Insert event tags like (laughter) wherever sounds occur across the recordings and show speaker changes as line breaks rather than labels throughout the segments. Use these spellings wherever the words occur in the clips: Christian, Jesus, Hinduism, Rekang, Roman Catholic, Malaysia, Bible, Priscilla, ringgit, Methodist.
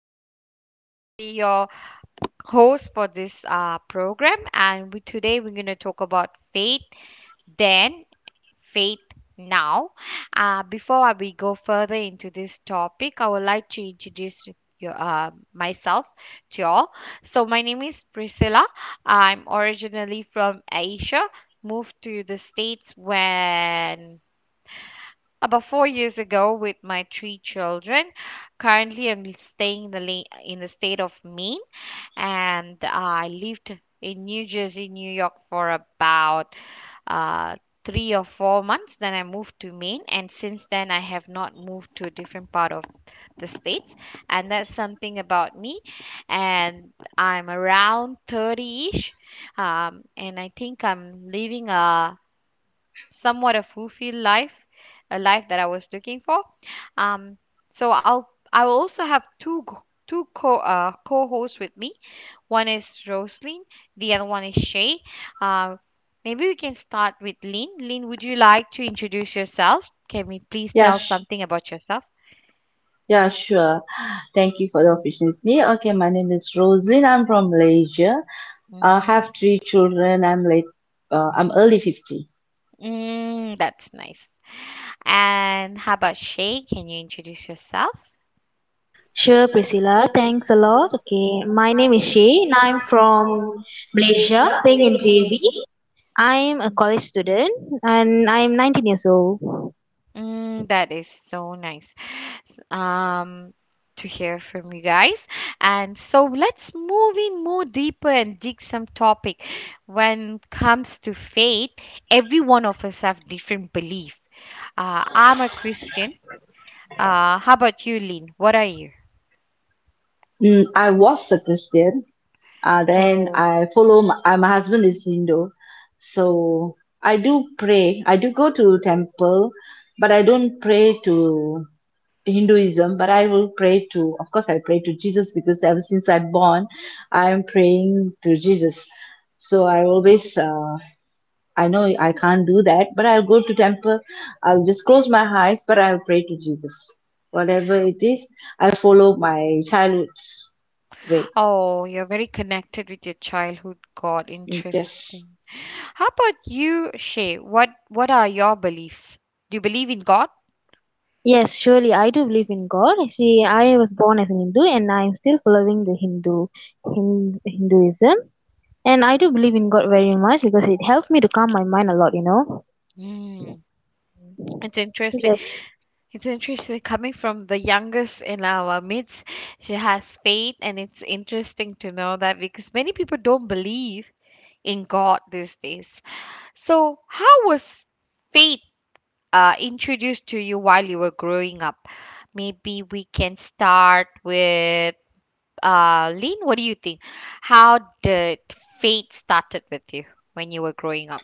Priscilla here. I'll be your host for this program, and today we're going to talk about faith then, faith now. Before we go further into this topic, I would like to introduce myself to you all. So, my name is Priscilla. I'm originally from Asia, moved to the States when about 4 years ago with my three children. Currently, I'm staying in the in the state of Maine, and I lived in New Jersey, New York for about uh, 3 or 4 months. Then I moved to Maine, and since then I have not moved to a different part of the states. And that's something about me. And I'm around 30-ish, and I think I'm living a somewhat a fulfilled life, a life that I was looking for. Um, so I will also have two g- two co co-hosts with me. One is Roslyn, the other one is Shay. Uh, Maybe we can start with Lynn. Lynn, would you like to introduce yourself? Can we please
Yeah,
tell
sh
something about yourself?
yeah, sure. Thank you for the opportunity. Okay, my name is Rosin. I'm from Malaysia. I
Mm-hmm.
have three children. I'm early 50.
Mm, that's nice. And how about Shay? Can you introduce yourself?
Sure, Priscilla. Thanks a lot. Okay, my name is Shay and I'm from Malaysia, staying in JB. I'm a college student and I'm 19 years old.
Mm, that is so nice s- um, to hear from you guys. And so let's move in more deeper and dig some topic. When it comes to faith, every one of us have different belief. I'm a Christian. How about you, Lynn? What are you?
I was a Christian. Then
Oh,
I follow my husband is Hindu. So I do pray. I do go to temple, but I don't pray to Hinduism, but I will pray to, of course, I pray to Jesus because ever since I'm born, I'm praying to Jesus. So I always I know I can't do that, but I'll go to temple. I'll just close my eyes, but I'll pray to Jesus. Whatever it is, I follow my childhood's way.
oh, you're very connected with your childhood God.
Yes.
Interesting. How about you, Shay? What are your beliefs? Do you believe in God?
Yes, surely I do believe in God. Actually, I was born as an Hindu and I'm still following the Hinduism. And I do believe in God very much because it helps me to calm my mind a lot.
Mm, it's interesting.
Like,
It's interesting coming from the youngest in our midst. She has faith, and it's interesting to know that because many people don't believe in God these days. So, how was faith introduced to you while you were growing up? Maybe we can start with Lynn. What do you think? How did faith started with you when you were growing up?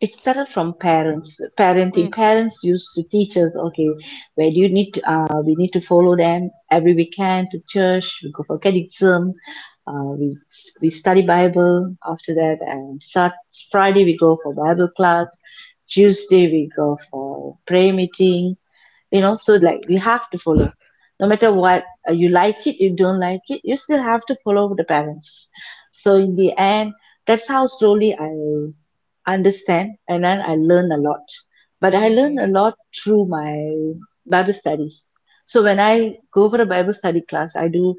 It started from parents, parenting.
Mm,
Parents used to teach us, okay, where do you need to, we need to follow them every weekend to church, we go for catechism, uh, we, we study Bible. After that, Sat Friday we go for Bible class. Tuesday we go for prayer meeting, you know, so like you have to follow no matter what, you like it, you don't like it, you still have to follow the parents. So in the end, that's how slowly I understand, and then I learn a lot, but I learn a
mm,
lot through my Bible studies. So when I go for a Bible study class, I do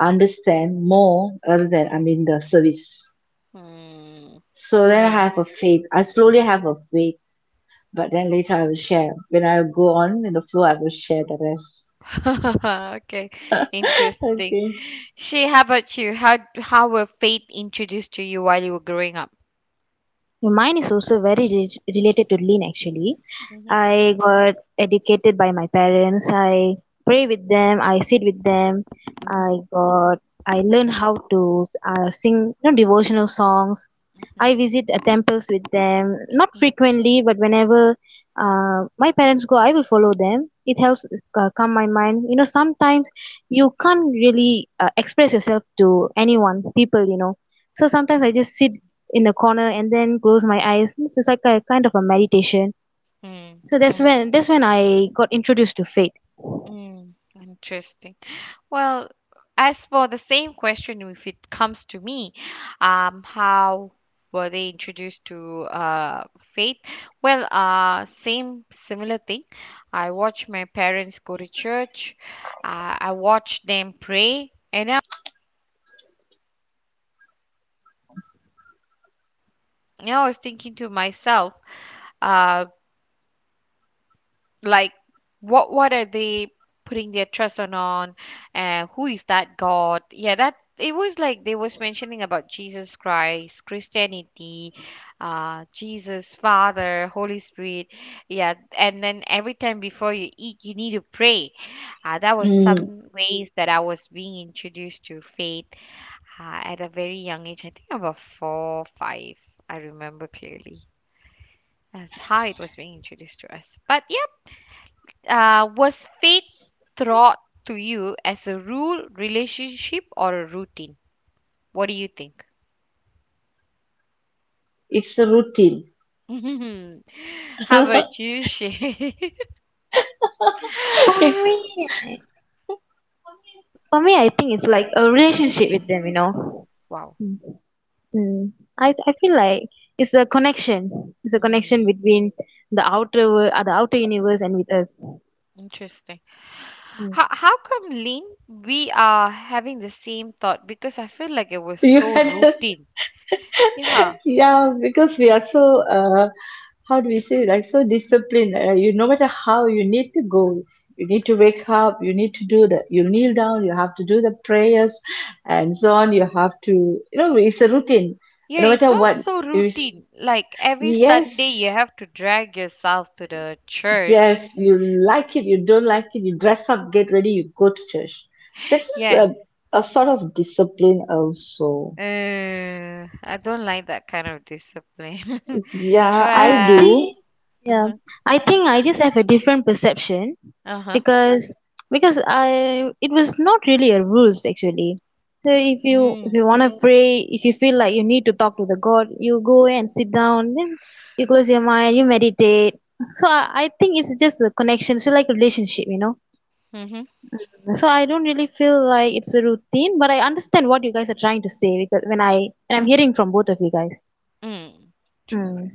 understand more rather than I'm in the service.
mm,
So then I
no.
have a faith, I slowly have a faith, but then later I will share, when I go on in the flow, I will share the rest.
(laughs) Okay, interesting.
Okay.
She, how about you? How were faith introduced to you while you were growing up?
my mind is also very related to lean actually.
Hmm.
I got educated by my parents. I pray with them. I sit with them.
Mhm,
I got I learn how to sing, devotional songs. I
mhm,
visit temples with them, not frequently, but whenever my parents go, I will follow them. It helps calm my mind. Sometimes you can't really express yourself to anyone, people. So sometimes
mhm,
I just sit in a corner and then close my eyes. It's just like a kind of a meditation,
mhm. Mm,
so that's when I got introduced to faith.
mm, interesting. Well, as for the same question, if it comes to me, how were they introduced to faith? Well, same similar thing. I watched my parents go to church. I watched them pray, and I was thinking to myself. uh, like, what are they putting their trust on who is that God? Yeah, that it was like they was mentioning about Jesus Christ, Christianity, Jesus, Father, Holy Spirit. Yeah, and then every time before you eat you need to pray. That was
Mm,
some ways that I was being introduced to faith at a very young age, I think about four five. I remember clearly as how it was being introduced to us, but yeah. Was fate taught to you as a rule, relationship, or a routine? What do you think?
it's a routine.
(laughs) How
(laughs)
about you, Shay? (laughs)
It's
For me, For me, I think it's like a relationship with them.
Wow.
Mm. Mm. I feel like it's a connection. It's a connection
Mm,
between the outer world, the outer universe, and with us.
interesting. How come, Lynn, we are having the same thought? Because I feel like it was
you
so
had a,
routine. Yeah.
(laughs) yeah, because we are so how do we say, like, so disciplined. You, no matter how, you need to go, you need to wake up, you need to do the, you kneel down, you have to do the prayers, and so on. You have to, you know, it's a routine.
Yeah,
No
it
matter
felt
what
so
is
routine. Like every Sunday you
yes
have to drag yourself to the church.
Yes, you like it, you don't like it, you dress up, get ready, you go to church. This is
Yeah.
a, a sort of discipline also.
I don't like that kind of discipline. (laughs)
Yeah,
I Yeah,
I
Well,
do.
think yeah,
uh-huh,
I think I just have a different perception
uh-huh.
because because I it was not really a rules actually. So if you if
Mm,
you want to pray, if you feel like you need to talk to the God, you go and sit down, then you close your mind, you meditate. So I think it's just a connection, so like a relationship.
mm-hmm,
So I don't really feel like it's a routine, but I understand what you guys are trying to say because when
mm,
I when I'm hearing from both of you guys.
mm. True.
Mm.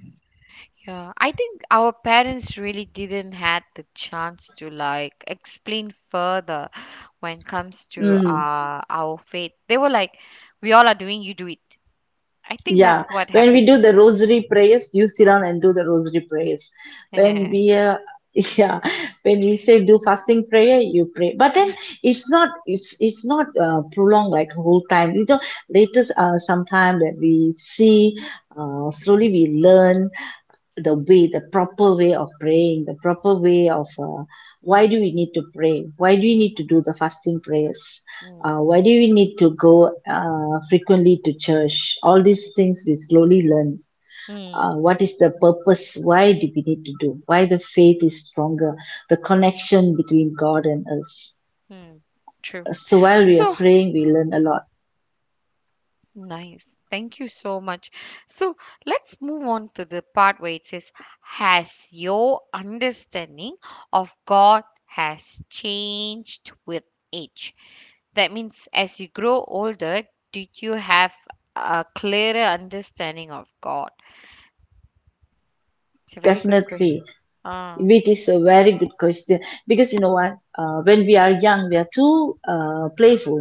Yeah, I think our parents really didn't had the chance to like explain further when it comes to
Mm.
our faith. They were like, "We all are doing, you do it." I think
Yeah,
that's what
when we
happened
do
to me.
the rosary prayers, you sit down and do the rosary prayers. When we,
(laughs)
uh, (laughs) yeah, when we say do fasting prayer, you pray. But then it's not prolonged like whole time. You know, later, sometime that we see, slowly we learn the way, the proper way of praying, the proper way of why
Mm,
do we need to pray? Why do we
mm,
need to do the fasting prayers?
mm,
Why do we need to go frequently to church? All these things we slowly learn,
mm,
what is the purpose? Why do we need to do? Why the faith is stronger, the connection between God and us.
mm. True.
So while we are
So.
praying, we learn a lot.
Nice. Thank you so much. So let's move on to the part where it says, has your understanding of God has changed with age? That means as you grow older, did you have a clearer understanding of God? It's a very good question.
Definitely.
Ah.
It is a very good question, because you know what? When we are young, we are too playful,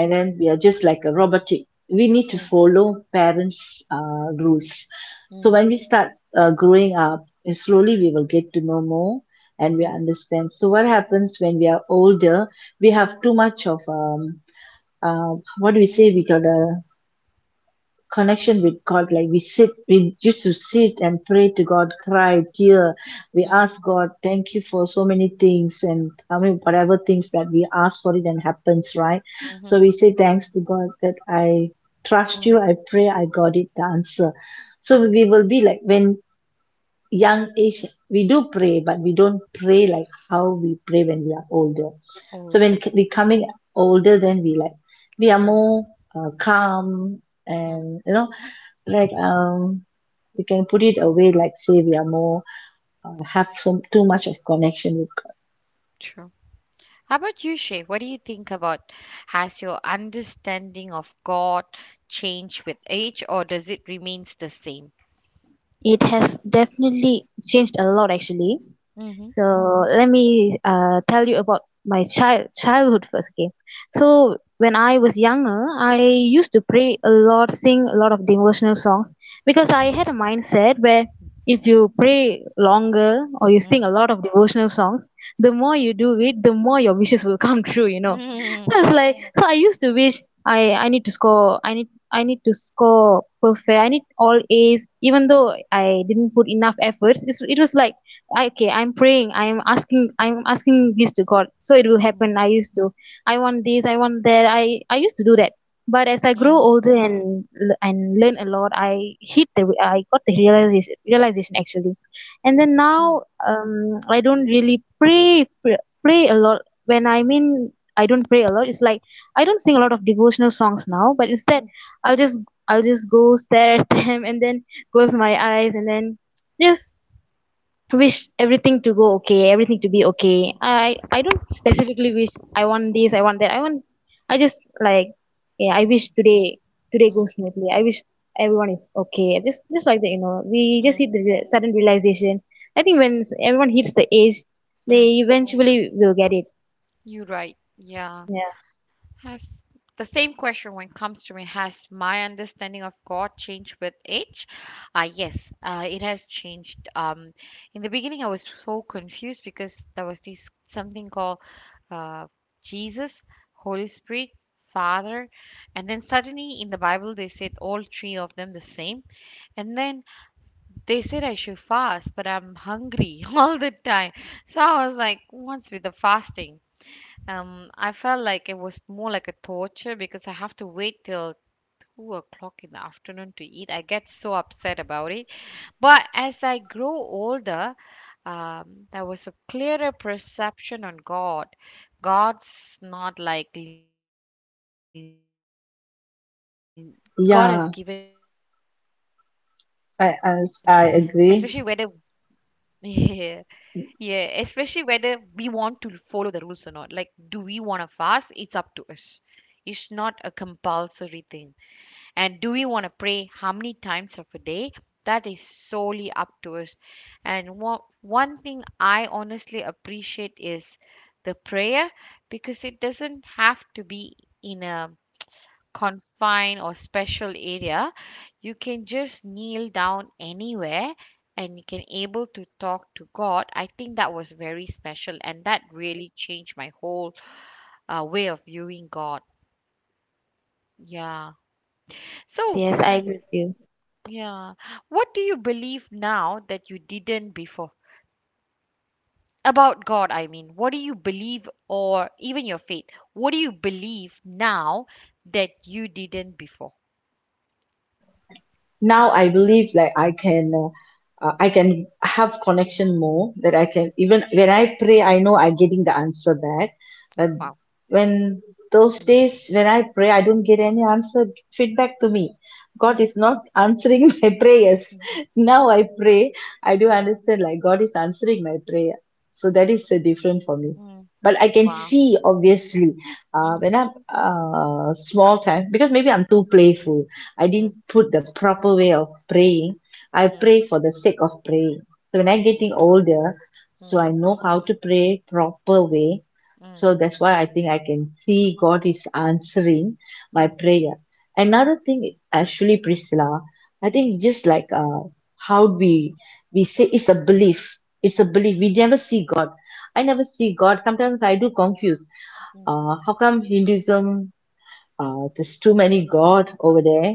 and then we are just like a robotic. We need to
Mm,
follow parents' rules. So
mm,
when we start growing up, and slowly we will get to know more and we
mm,
understand. So what happens when we are older? We have too much of what do we say? We got a connection with God. Like we sit, we used to sit and pray to God, cry, tear. We
mm,
ask God, thank you for so many things, and I mean whatever things that we ask for it and happens, right?
mhm,
So we say thanks to God that I trust you.
mm,
I pray, I got it, the answer. So
mhm.
we will be like, when young age we do pray, but we don't pray like how we pray when we are older. So when
Older.
we coming older, then we like, we are
Mm,
more calm,
mm,
and, you know, like um we
mm.
can put it away, like say we are more have some too much of connection with.
True. How about you, Shay? What do you think about? Has your understanding of God changed with age, or does it remains the same?
It has definitely changed a lot actually.
Mm-hmm.
So let me tell you about my childhood first. Okay, so when I was younger, I used to pray a lot, sing a lot of devotional songs because I had a
Mm-hmm.
mindset where if you pray longer or you sing a lot of devotional songs, the more you do it, the more your wishes will (laughs) come true.
Mm-hmm. Mm-hmm.
So it's like, I used to wish I need to score perfect. I need all A's even though I didn't put enough efforts. It was like, okay, I'm praying, I'm asking this to God so it will happen. I used to I want this, I want that. I used to do that. But as I
Mm-hmm.
grow
Mm-hmm.
older and learn a lot, I got the realization actually. And then
Mm-hmm.
now, I don't really pray a lot. When I mean, I don't pray a lot. It's like, I don't sing a lot of devotional songs now, but instead, i'll just I'll just go stare at (laughs) them and then close my eyes and then just wish everything to go okay, everything to be
Mm-hmm.
okay. I don't specifically wish, I want this I want that I want I just like, yeah, I wish today goes smoothly. I wish everyone is okay. Just like that. We just
Mm-hmm,
hit the sudden realization. I think when everyone hits the age, they
mm-hmm.
eventually will get it.
You're right. Yeah.
Yeah.
Has the same question when it comes to me, has my understanding of God changed with age? Yes, it has changed. In the beginning, I was so confused because there was this something called uh, Jesus, Holy Spirit, Father, and then suddenly in the Bible they said all three of them the same, and then they said I should fast, but I'm hungry (laughs) all the time. So I was like, what's with the fasting? I felt like it was more like a torture because I have to wait till 2 o'clock in the afternoon to eat. I get so upset about it. But as I grow older, there was a clearer perception on God. God's not like God has given us a free will, and it's up to us
Yeah,
whether, yeah, especially whether,
I agree.
(laughs) yeah, especially whether we want to follow the rules or not. Like, do we want to fast? It's up to us. It's not a compulsory thing. And do we want to pray how many times of a day? That is solely up to us. And one thing I honestly appreciate is the prayer, because it doesn't have to be in a confined or special area. You can just kneel down anywhere, and you can able to talk to God. I think that was very special and that really changed my whole way of viewing God. Yeah.
Yes,
So
yes, I agree with you.
yeah, what do you believe now that you didn't before about God? I mean, what do you believe or even your faith, what do you believe now that you didn't before?
Now I believe like I can, I can have connection more that I can, even when I pray, I know I'm getting the answer back. But
Wow.
when those
Mm,
days when I pray, I don't get any answer, feedback to me. God
mm,
is not answering (laughs) my
mm,
prayers.
mm, mm,
Now I pray, I do
mm.
understand like God is answering my prayer. So that is different for me.
Mm.
But I can
Wow.
see obviously, uh,
Mm,
when I'm uh, small time, because maybe I'm too playful, I
mm,
didn't put the proper way of praying. I
mm,
pray for the sake of praying. So when I'm
mm,
getting older, so
mm,
I know how to pray proper way.
mm,
So that's why I think I can see God is answering my
mm,
prayer. Another thing, actually, Priscilla, I
mhm,
think it's just like, how we say, it's a belief. It's a
mm,
belief. We never see God. I never see God. Sometimes I do confuse, how come Hinduism, there's too many God over there.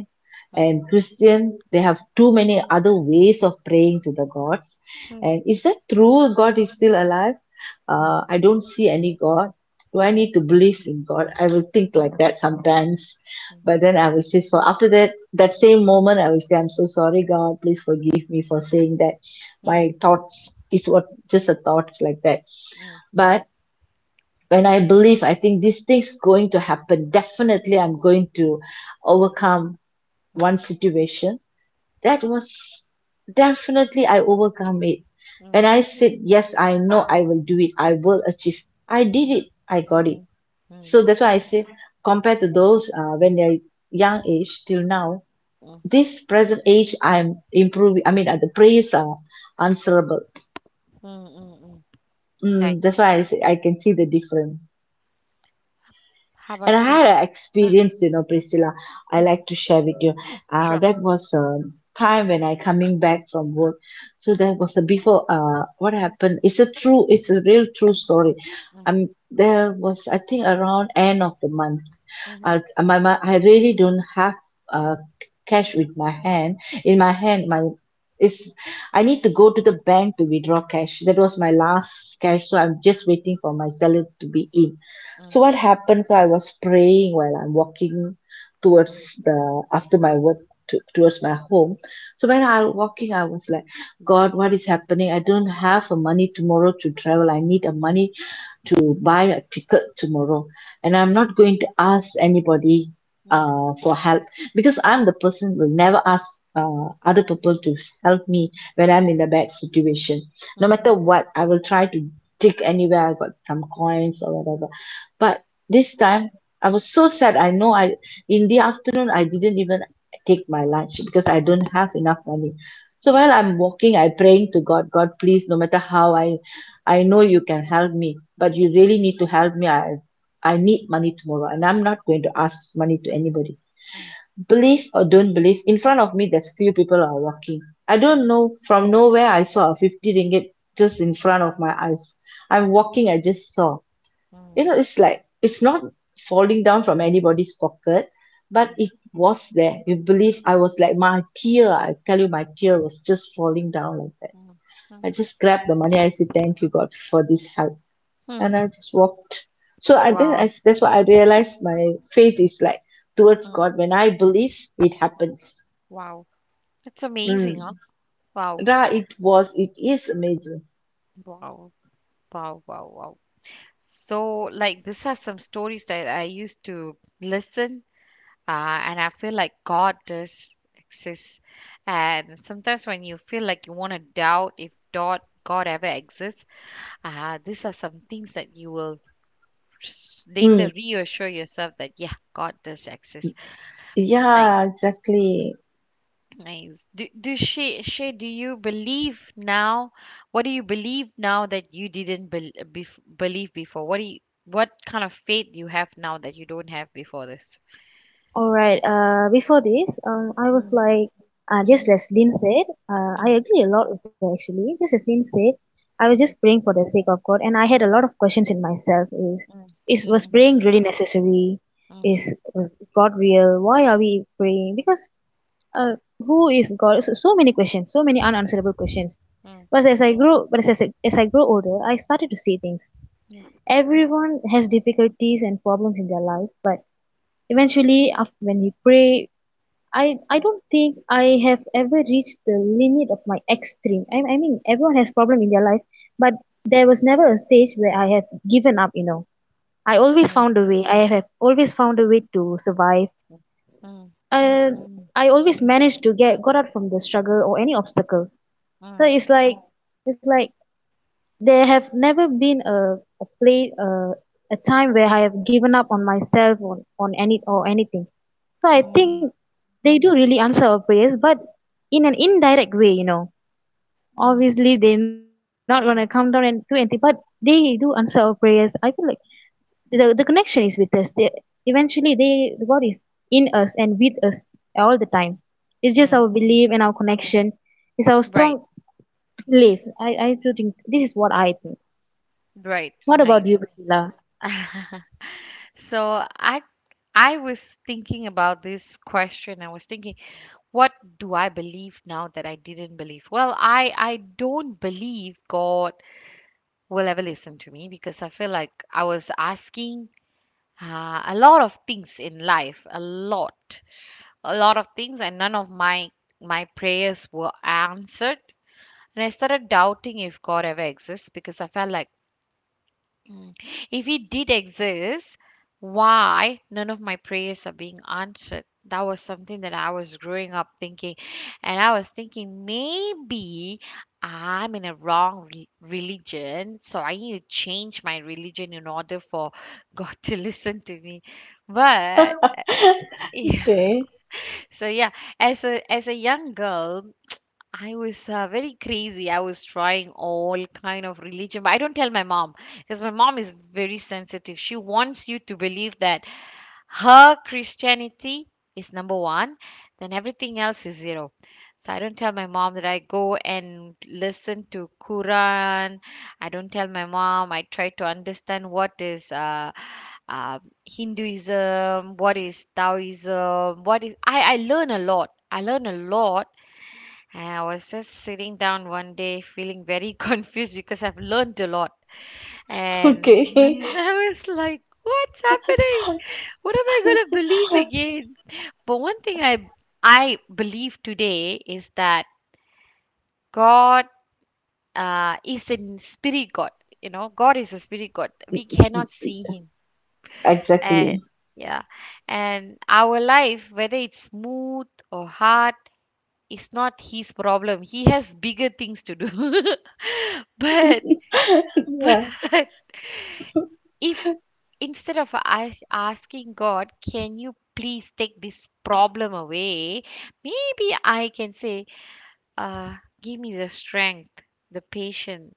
mm,
And Christian, they have too many other ways of praying to the gods.
mm,
And is that true? God is still alive?
mm, mm,
I don't see any God. Do I
mm,
need to believe in God? I will think like that sometimes.
mm,
But then I will say, so after that, that same moment, I will say, I'm so sorry, God. Please forgive me for saying that.
mm,
My thoughts, it's what just a thoughts like that.
mm, mm, mm, mm,
But when I believe, I think this thing's going to happen. Definitely, I'm going to overcome
mm,
one situation. That was definitely I overcome it. When
mm,
I said, yes, I know I will do it, I will achieve, I did
mm,
it, I got it.
mm, mm,
So that's why I say, compared to those, when they're young age till now, this present age, I'm improving. I mean, the prayers are answerable.
mm, mm. Right.
Mm, that's why I say I can see the difference.
How
And
about
I
you?
had an
Uh,
experience, you know, Priscilla, I
mm,
like to share with you.
sure.
That was a time when I coming back from work. So
Mm,
there was a before, what happened? It's a true, it's a real true story.
mm,
There was, I think, around end of the month.
mhm,
I really don't have uh, cash with my hand. In my hand, my is I need to go to the bank to withdraw cash. That was my last cash, so I'm just waiting for my salary to be in.
mm,
So what happened? So I was praying while I'm walking
mm,
towards the after my work to, towards my home. So when I was walking, I was like, God, what is happening? I don't have a money tomorrow to travel. I need a money to buy a ticket tomorrow, and I'm not going to ask anybody
mm, mm,
for help, because I'm the person who will never ask other people to help me when I'm in a bad situation. No
mhm,
matter what, I will try to dig anywhere I got some coins or whatever. But this time I was so sad. I know I, in the afternoon, I didn't even take my lunch because I don't have enough money. So
mm,
while I'm walking, I praying to God, God, please, no matter how I know you can help me, but you really need to help me. I need money tomorrow, and I'm not going to ask money to anybody.
mm,
Believe or don't believe, in front of me, there's few people are walking. I don't
mhm,
know from nowhere. I saw a 50 ringgit just in front of my eyes. I'm
mm,
walking. I just saw. You
mm,
know, it's like it's not falling down from anybody's pocket, but
mm,
it was there. You believe? I was like my tear. I tell you, my tear was just falling down like that.
mm, mm.
I just grabbed the money. I said, "Thank you, God, for this help."
Hmm.
And I just walked.
Wow.
That's why I realized my faith is like towards
Hmm.
God. When I believe, it happens.
Wow. That's amazing, huh?
Mm.
Wow.
Ra, it was, it is amazing.
Wow. Wow. Wow. Wow. So,
Yes.
like, these are some stories that I used to listen, uh, and I feel like God does exist. And sometimes when you feel like you want to doubt if God ever exists, these are some things that you will later
Mm.
reassure yourself that, yeah, God does exist. Nice.
Yeah, exactly.
Nice. Do you believe now? What do you believe now that you didn't bel bef believe before? What kind of faith you have now that you don't have before this?
All right. Before this, I was
Mm,
like, just
mhm,
as Lynn said, I
mm,
agree a lot with her actually. Just as Lynn said, I was just
mhm,
praying for the sake of God, and I had a lot of questions in myself.
mm,
Is Was
mhm,
praying really necessary?
mhm,
Is God real? Why are we praying? Because who is God? So many questions, so many unanswerable questions.
mm,
But as I grow, but as, I- As I grow older, I started to see things. Everyone has difficulties and problems in their life, but eventually, after, when we pray, I
mm,
don't think I have ever reached the limit of my extreme. I mean, everyone has problem in their life, but there was never a stage where I have given up. I always
mm,
found a way. I have always found a way to survive.
mm, mm,
Uh,
mm, mm,
I always managed to get got out from the struggle or any obstacle. So it's like, it's like there have never been a play uh, a time where I have given up on myself, on any or anything. So I
mm,
think they do really answer our prayers, but in an indirect way.
mm, mm,
Obviously, they're not gonna come down and do anything, but they do answer our prayers. I feel like the connection is with us. They, eventually, the God is in us and with us all the
mm.
time. It's just
Mm.
our belief and our connection. It's our
Right,
strong belief. I do think this is what I think.
right,
What about
nice.
you, Priscilla?
(laughs) So I was thinking about this question. I was thinking, what do I believe now that I didn't believe? Well, I don't believe God will ever listen to me, because I feel like I was asking a lot of things in life, a lot of things, and none of my prayers were answered. And I started doubting if God ever exists because I felt like... Mm. If he did exist, why none of my prayers are being answered? That was something that I was growing up thinking. And I was thinking maybe I'm in a wrong religion, so I need to change my religion in order for God (laughs) to listen to me. But
(laughs)
(laughs)
Okay,
so yeah, as a young girl, I was very crazy. I was trying all kind of religion, but I don't tell my mom because my mom is very sensitive. She wants you to believe that her Christianity is number one, then everything else is zero. So I don't tell my mom that I go and listen to Quran. I don't tell my mom. I try to understand what is uh, Hinduism, what is Taoism, what is I learn a lot. I learn a lot. I was just sitting down one day feeling very (laughs) confused because I've learned a lot.
(laughs)
And
okay,
(laughs) I was like, what's happening? What am I going to believe again? But one thing I believe today is that God is a spirit God. You know, God is a spirit God. We cannot see him. And
exactly.
yeah, and our life, whether it's smooth or hard, it's not his problem. He has bigger things to do. (laughs) But,
(laughs) Yeah.
(laughs) but if instead of us asking God, can you please take this problem away? Maybe I can say, uh, give me the strength, the patience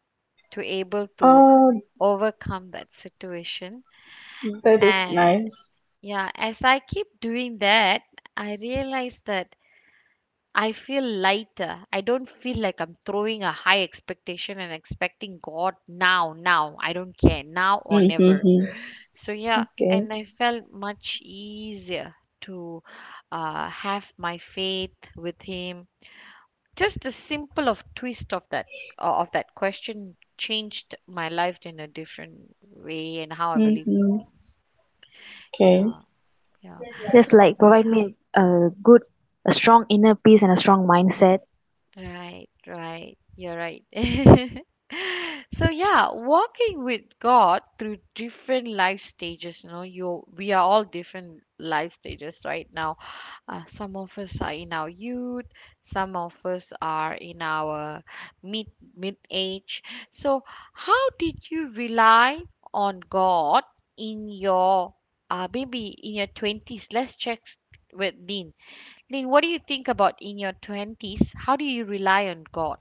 to able to
Oh,
overcome that situation.
that is
And
nice.
yeah, as I keep doing that, I realize that I feel lighter. I don't feel like I'm throwing a high expectation and expecting God now, now. I don't care, now or never.
Mm-hmm.
So, yeah,
Okay.
and I felt much easier to have my faith with Him. Just the simple of twist of that of that question changed my life in a different way and how I believe
Mm-hmm.
things.
Okay.
Yeah, yeah.
Just like, provide me a strong inner peace and a strong mindset.
Right, right. You're right. (laughs) So yeah, walking with God through different life stages, you we are all different life stages right now. Some of us are in our youth, some of us are in our mid mid age. So how did you rely on God in your maybe in your twenties? Let's check with Lynn. Lynn, what do you think about in your twenties? How do you rely on God?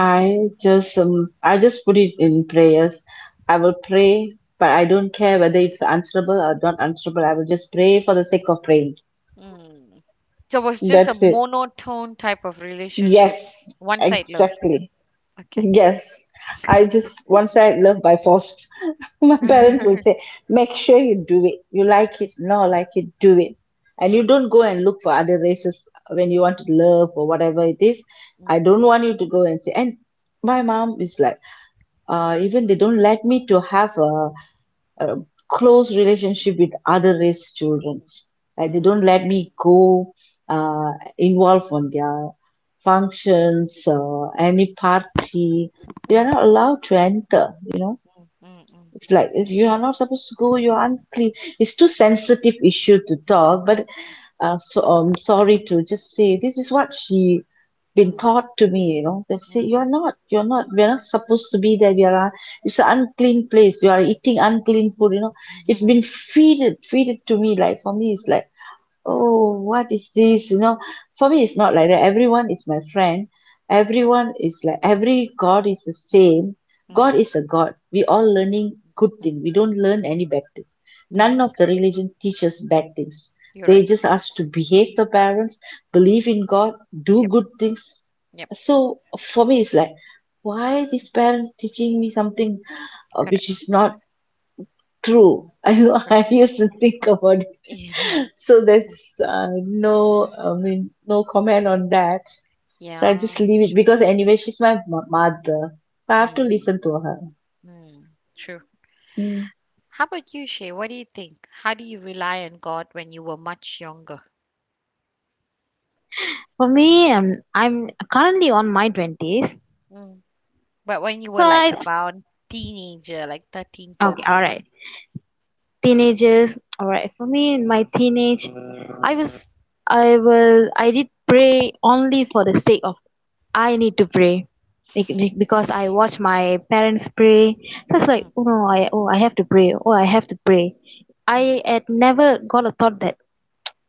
I just put it in prayers. I will pray, but I don't care whether it's answerable or not answerable. I will just pray for the sake of praying.
Hmm. So it was just a
That's it.
monotone type of relationship.
Yes,
One side love.
exactly.
Okay.
Yes.
(laughs)
I
Okay.
just once I love by force. (laughs) My parents will say,
(laughs)
make sure you do it. You like it, no like it, do it. And you
Mm,
don't go and look for other races when you want to love or whatever it is. I
mm,
don't want you to go and say, and my mom is like, even they don't let me to have a close relationship with other race childrens. Like they don't
mm,
let me go involved on their functions or any party. They
mm,
are
mm,
not allowed to enter. You know,
mm,
it's like if you are not supposed to go. You are unclean. It's too sensitive issue to talk. But so I'm sorry to just say this is what she been
mm,
taught to me. They
mm,
say
mm, mm, mm,
you're not we're not supposed to be there. We are it's an unclean place. You are eating unclean food. It's been
(laughs)
feeded to me. Like for me it's like,
mm,
oh what is this? For me it's not like that. Everyone is my friend. Everyone is like every god is the same.
mm,
God is a god. We all learning good
mm,
thing, we don't learn any bad thing.
mm.
None of the
Correct.
religion teaches bad things.
You're
They
right.
just ask to behave the parents, believe in god, do
Yep.
good things.
Yep.
So for me it's like why these parents teaching me something
Correct.
which is not true. (laughs) I,
Correct.
I used to think about it.
(laughs) Yeah.
(laughs) So there's no, no comment on that. So I
Yeah.
just leave it because anyway, she's my mother. So I have to
Mm,
listen to her.
mm. True.
Mm.
How about you, Shay? What do you think? How do you rely on God when you were much younger?
For me, I'm currently on my twenties,
Mm. But when you
so
were like
I
about teenager, like 13,
Okay, all
14.
right. Teenagers, all right. For me, in my teenage, I was, I will, I did pray only for the sake of I need to pray, because I watch my parents pray. So it's like,
14.
oh no, I have to pray, oh, I have to pray.
Mm, mm.
I had never got a thought that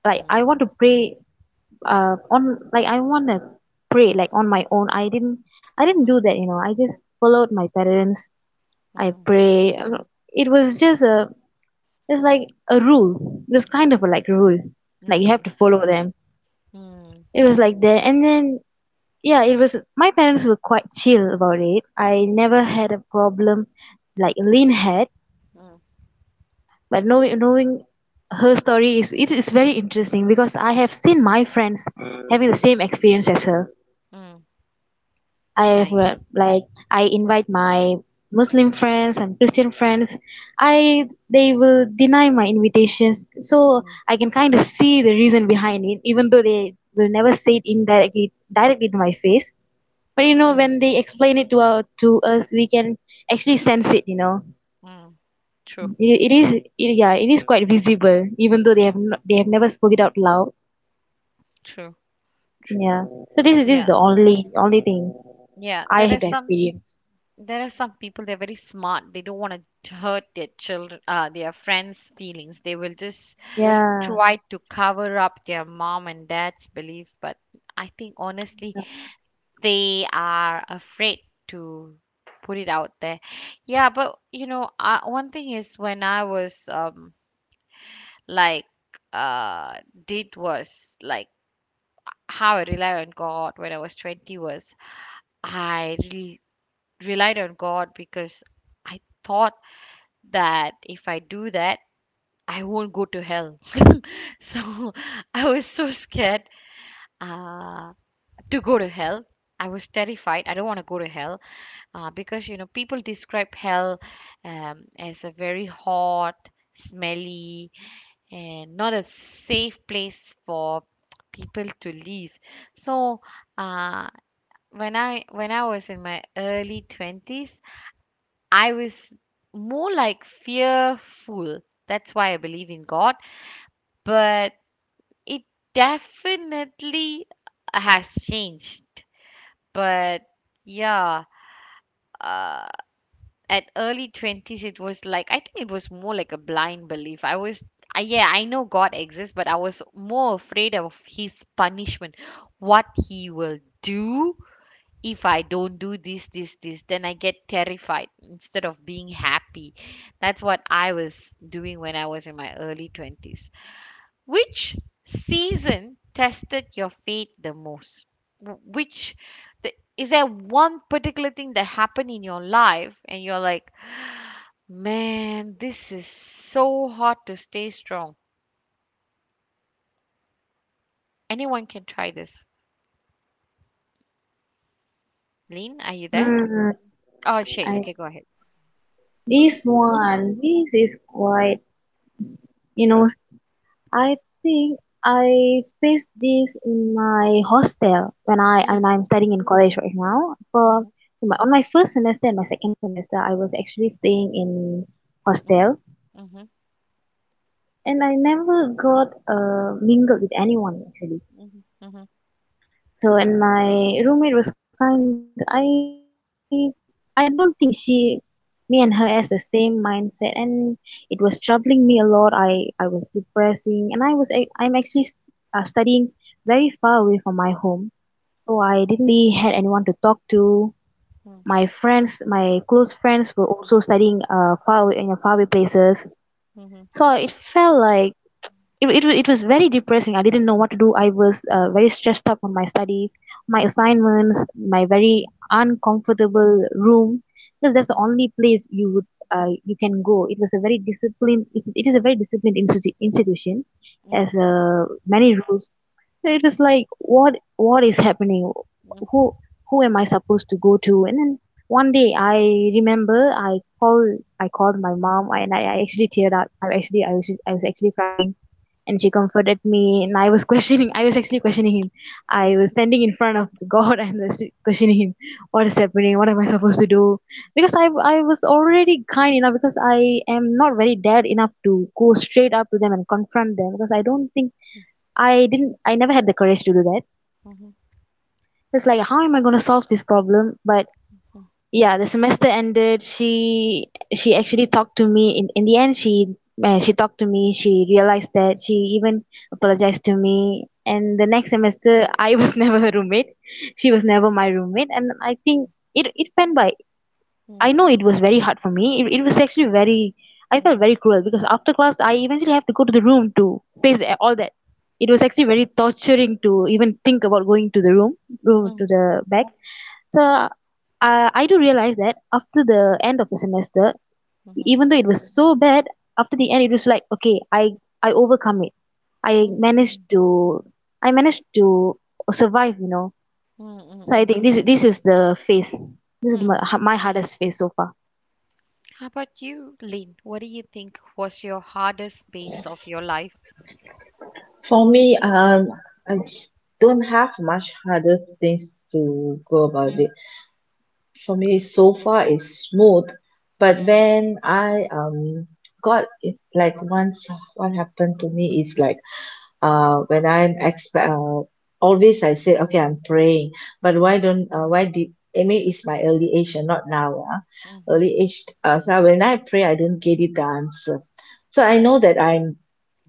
like
Mm,
I want to pray on like I wanna pray like on my own. I didn't do
mm,
that. I just followed my parents. I
mm,
pray. it was just a it's like a rule. It was kind of a, like, rule. Like, you have
mm,
to follow them.
mm,
It was like that. And then, yeah, it was my parents were quite chill about it. I never had a problem like Lynn had.
mm,
But knowing her story, is it is very interesting because I have seen my friends having the
mm,
same experience as her.
mm. Nice.
Like, I invite my Muslim friends and Christian friends. I They will deny my invitations, so
Mm,
I can kind of see the reason behind it, even though they will never say it indirectly directly to my face. But
mm,
when they explain it to to us, we can actually sense it.
mm. True.
Yeah, it is quite visible, even though they have
Mm,
no, they have never spoke it out loud.
true. True.
Yeah, so this is this
Yeah.
the only thing
Yeah.
I
There
have
are some.
experienced.
There are some people. They're very smart. They don't want to hurt their children, their friends' feelings. They will just
Yeah.
try to cover up their mom and dad's belief. But I think honestly, they are afraid to put it out there. Yeah. But one thing is when I was like uh did was how I rely on God when I was 20 was I really relied on God because I thought that if I do that I won't go to hell. (laughs) So I was so scared uh to go to hell. I was terrified. I don't want to go to hell because people describe hell as a very hot, smelly, and not a safe place for people to live. So, uh, when I was in my early 20s, I was more like fearful. That's why I believe in God, but it definitely has changed. But yeah, at early 20s it was like I think it was more like a blind belief. Yeah, I know God exists, but I was more afraid of his punishment, what he will do if I don't do this this this, then I get terrified instead of being happy. That's what I was doing when I was in my early 20s. Which season tested your faith the most? Wh- which is there one particular thing that happened in your life and you're like, Man, this is so hard to stay strong? Anyone can try this. Lynn, are you there?
Mm.
Oh, Shay.
I
Okay, go ahead.
This one, this is quite, you know, I think I faced this in my hostel when
Mm,
I'm studying in college right now.
mm-hmm,
On my first semester and my second semester, I was actually staying in hostel,
mm-hmm, mm-hmm,
and I never got mingled with anyone actually.
mm-hmm,
So and my roommate was kind. I don't think she me and her has the same mindset, and it was troubling me a lot. I was depressing, and I'm actually studying very far away from my home. So I didn't really had anyone to talk to.
mm,
My friends, my close friends were also studying far away in faraway places.
mm-hmm, mm,
So it felt like it was very depressing. I didn't know what to do. I was very stressed up on my studies, my assignments, my very uncomfortable room, because that's
mm, mm, mm,
the
mm, mm,
only place you can go. It was a very disciplined. It is a very disciplined institution,
mm, mm, mm, mm, mm,
as
mm,
many rules. So it was like, what is happening? who who am I supposed to go to? And then one day I remember, I called my mom, and I actually teared up. I actually I was just- I was actually crying. And she comforted me, and I was (laughs) questioning. I was actually questioning him. I was standing in front of God (laughs) and was questioning him, what is happening, what am I supposed to do. Because I was already kind enough, because I am not very dared enough to go straight up to them and confront them, because I don't think, I didn't, I never had the courage to do that. It's like, how am I going to solve this problem? But yeah, the semester ended. She actually talked to me in the end. She talked to me. She realized that she even apologized to me. And the next semester I was (laughs) never her roommate. She was never my roommate. And I think it went by. I know it was very hard for me. It was actually very, I felt very cruel because after class, I eventually have to go to the room to face all that. It was actually very torturing to even think about going to the room, room to the back. So I do realize that after the end of the semester, even though it was so bad, after the end it was like okay, I overcome it. I managed to I managed to survive. You know.
mm, mm,
So I
mm,
think this is the phase. This is
mm.
my hardest phase so far.
How about you, Lynn? What do you think was your hardest phase of your life?
For me, I don't have much harder things to go about
Mm,
it. For me, so far it's smooth. But
mm,
when I got it, like once what happened to me is like, when I'm expect always I say, okay, I'm praying, but
mm,
why don't why did, I mean, it's my early age and not now, ah,
mm,
early age. So when I pray I don't get it the answer, so I know that I'm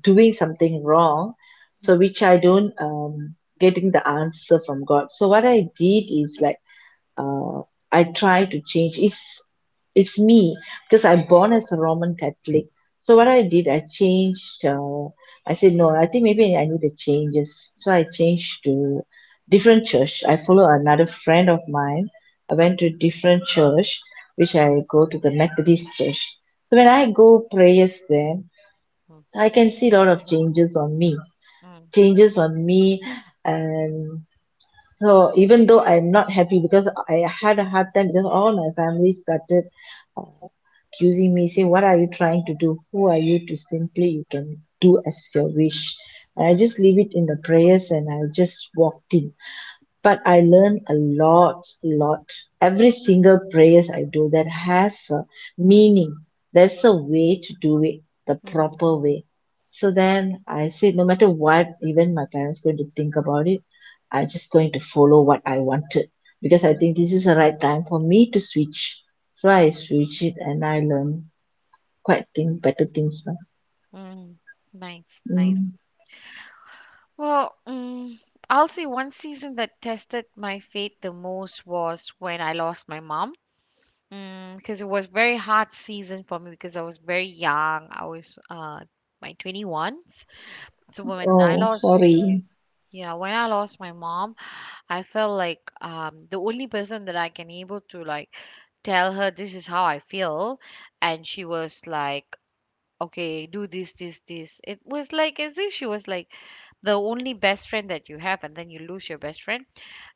doing something wrong, so which I don't getting the answer from God. So what I did is like, uh, I try to change. It's me because I'm born as a Roman Catholic. So what
mm,
I did, I changed. I said no. I think maybe I need the changes. So
mm,
I
mm,
changed to different church. I follow another friend of mine. I
mm, mm,
went to different church, which I go to the Methodist church. So when
mm,
I go prayers there,
mm,
I can see a lot of changes on me.
mm.
Changes on me, and. So even though I'm not happy because I had a hard time because all my family started uh, accusing me, saying, "What are you trying to do? Who are you to simply you can do as your wish?" And I
Mhm,
just leave it in the prayers and I just walked in. But I learn a lot, lot. Every single prayers I do that has a meaning. There's a
mm,
way to do it, the
mm,
proper way. So then I said, no matter what, even my parents going to think about it, I just going to follow what I wanted because I
mm,
think this is the right time for me to switch. So I
mm,
switch it and I learn quite thing better things now.
mm. Nice,
Mm.
nice. Well, I'll say one season that tested my faith the most was when I lost my mom. Because it was very hard season for me because I was very young. I was my 21s. So
Oh,
yeah,
sorry.
yeah, when I lost my mom, I felt like the only person that I can able to like tell her this is how I feel, and she was like, okay, do this this this. It was like as if she was like the only best friend that you have, and then you lose your best friend,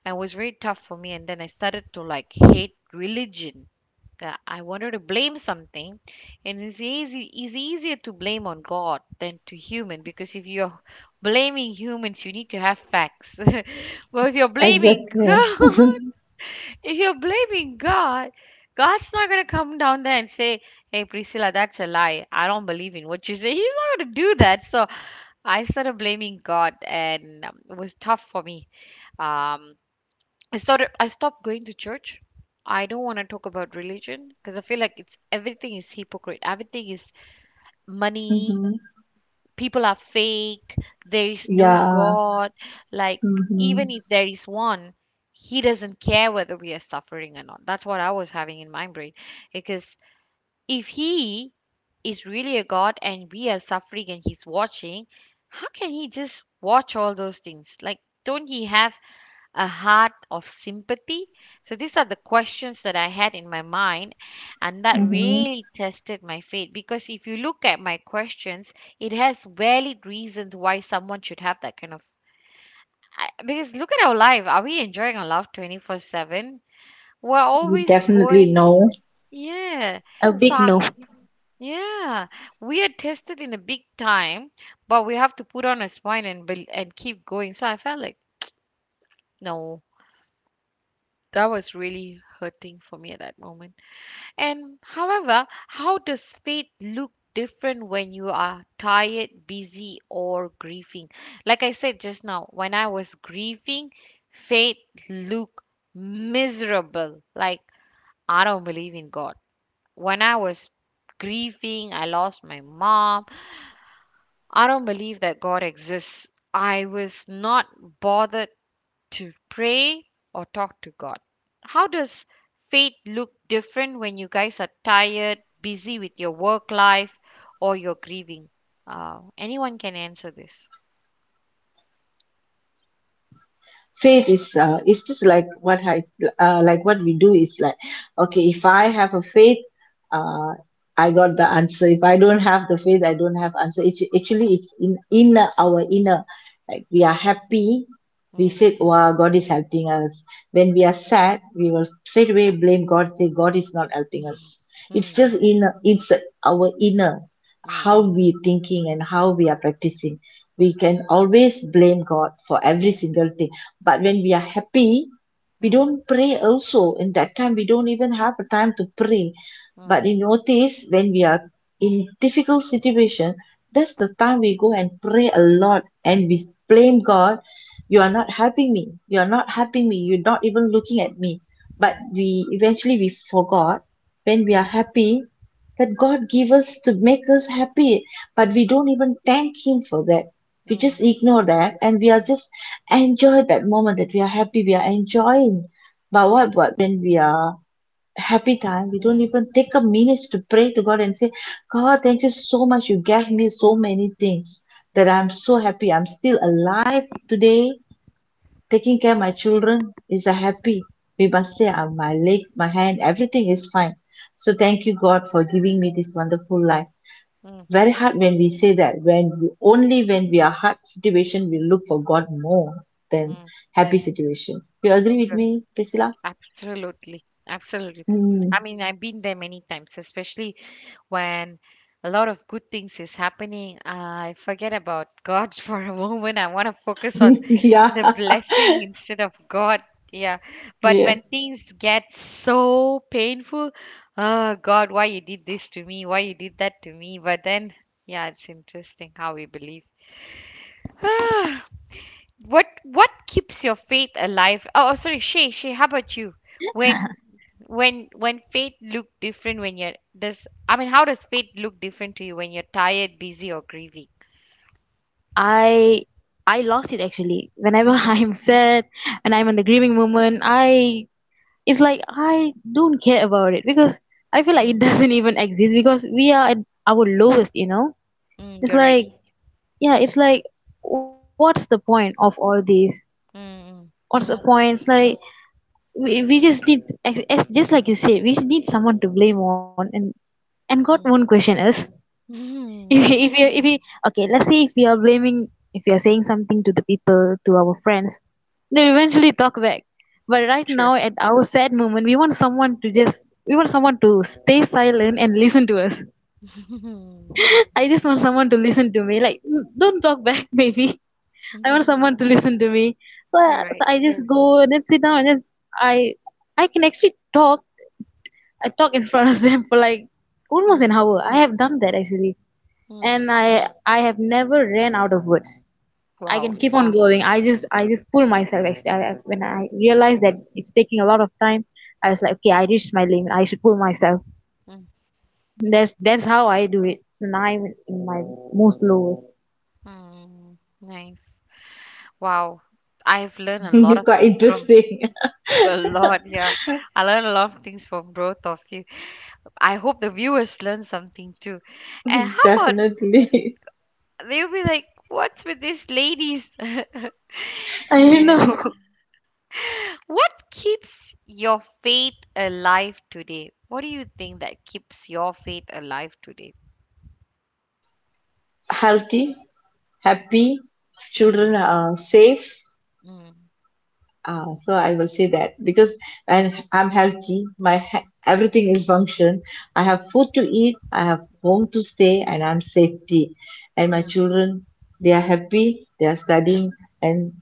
and it was very tough for me, and then I started to like hate religion. I wanted to blame something, and it's easier to blame on God than to human, because if you're blaming humans you need to have facts. (laughs) Well, if you're blaming (laughs)
Exactly.
God, if you're blaming God, God's not going to come down there and say, Hey, Priscilla, that's a lie. I don't believe in what you say. He's not going to do that. So I started blaming God, and it was tough for me. Um, I stopped going to church. I don't want to talk about religion because I feel like it's everything is hypocrite. Everything is money,
Mm-hmm.
people are fake, there is no
Yeah.
God. Like,
Mm-hmm.
even if there is one, he doesn't care whether we are suffering or not. That's what I was having in my brain. Because if he is really a God and we are suffering and he's watching, how can he just watch all those things? Like, don't he have a heart of sympathy? So these are the questions that I had in my mind, and that
Mm-hmm.
really tested my faith. Because if you look at my questions, it has valid reasons why someone should have that kind of. Because look at our life. Are we enjoying our life 24/7? We're always
Definitely
going.
no.
Yeah.
A
So,
big no.
yeah, we are tested in a big time, but we have to put on a smile and and keep going. So I felt like, no, that was really hurting for me at that moment. And however, how does faith look different when you are tired, busy, or grieving? Like I said just now, when I was grieving, faith looked miserable. Like, I don't believe in God. When I was grieving, I lost my mom. I don't believe that God exists. I was not bothered to pray or talk to God? How does faith look different when you guys are tired, busy with your work life, or you're grieving? Anyone can answer this.
Faith is it's just like what I, like what we do is like, okay, if I have a faith, uh, I got the answer. If I don't have the faith, I don't have answer. It's, actually it's in inner, our inner, like we are happy, we
Mm,
said, wow, God is helping us. When
mm,
we are sad we will straight away blame God, say God is not helping
mm,
us. It's just
mm,
in it's our inner,
mm, mm,
how
mm,
we thinking and how we are practicing.
mm,
We can always blame God for every single thing, but when we are happy,
mm,
we
mm,
don't pray also. In that time, we don't even have a time to pray. But you notice when we are in difficult situation, that's the time we go and pray a lot and we blame God. You are not helping me. You are not helping me. You're not even looking at me.
mm, mm,
But
mm,
we eventually we forgot, when we
mm,
are happy, that God give us to make us happy. But we don't even thank Him for that. We just ignore that and we are just enjoy that moment that we are happy, we are enjoying.
mm,
But
mm,
what when we are happy time we don't even take a minute to pray to God and say, God, thank you so much, you gave me so many things, that I'm so happy, I'm still alive today, taking care of my children is a happy, we must say, my leg, my hand, everything is fine, so thank you God for giving me this wonderful life.
mm,
Very hard when we say that, when we, only when we are hard situation we look for God more than
mm.
happy situation. You agree with
Yeah.
me, Priscilla?
Absolutely, absolutely. I
Mm.
mean, I've been there many times, especially when a lot of good things is happening. I forget about God (laughs) for a moment. I want to focus on
(laughs) Yeah,
the blessing instead of God. Yeah. But
yeah.
when things get so painful, oh God, why you did this to me? Why you did that to me? But then, yeah, it's interesting how we believe. (sighs) What keeps your faith alive? Oh, sorry, Shay, Shay, how about you? When when faith look different when you're does I mean, how does faith look different to you when you're tired, busy or grieving?
I I lost it actually. Whenever (laughs)
Mm,
I'm sad when I'm in the grieving moment, I it's like I don't care about it because I feel like it
mm,
(laughs) doesn't even exist because we are at our lowest, you know?
mm,
It's
you're right.
like yeah, it's like what's the point of all this?
Mm,
What's the point?
mm,
It's like we just need as just like you said, we need someone to blame on and God won't
mm,
question us. If you, if
mm.
you, if you, okay, let's say if we are blaming, if we are saying something to the people, to our friends, they'll eventually talk back. But
(laughs)
right
True.
now, at our sad moment, we want someone to stay silent and listen to us.
(laughs)
(laughs) I just want someone to listen to me. Like, "Mm, don't talk back," (laughs) maybe I want someone to listen to me. So,
You're right.
so I just go and then sit down and then I, I can actually talk. I talk in front of them for like almost an hour. I have done that actually
Mm-hmm.
and I have never ran out of words. I can
Wow.
keep on Wow. going. I just pull myself actually. When I realized that it's taking a lot of time, I was like, okay, I reached my limit. I should pull myself. That's how I do it when I'm in my most lowest.
Mm-hmm. Nice. Wow. I've learned a lot
(laughs)
of
Quite
things from
interesting.
(laughs) a lot. Yeah, I learned a lot of things from both of you. I hope the viewers learn something too. And
(laughs)
how about
Definitely.
they'll be like, "What's with these ladies?" (laughs)
I don't
Yeah.
know.
What keeps your faith alive today? What do you think that keeps your faith alive today?
Healthy, happy, children
Mm,
are safe.
mm,
Ah, so I will say that because when I'm healthy, my everything is function. I have food to eat, I have home to stay, and I'm safety. And my
mm,
children, they are happy, they are studying, and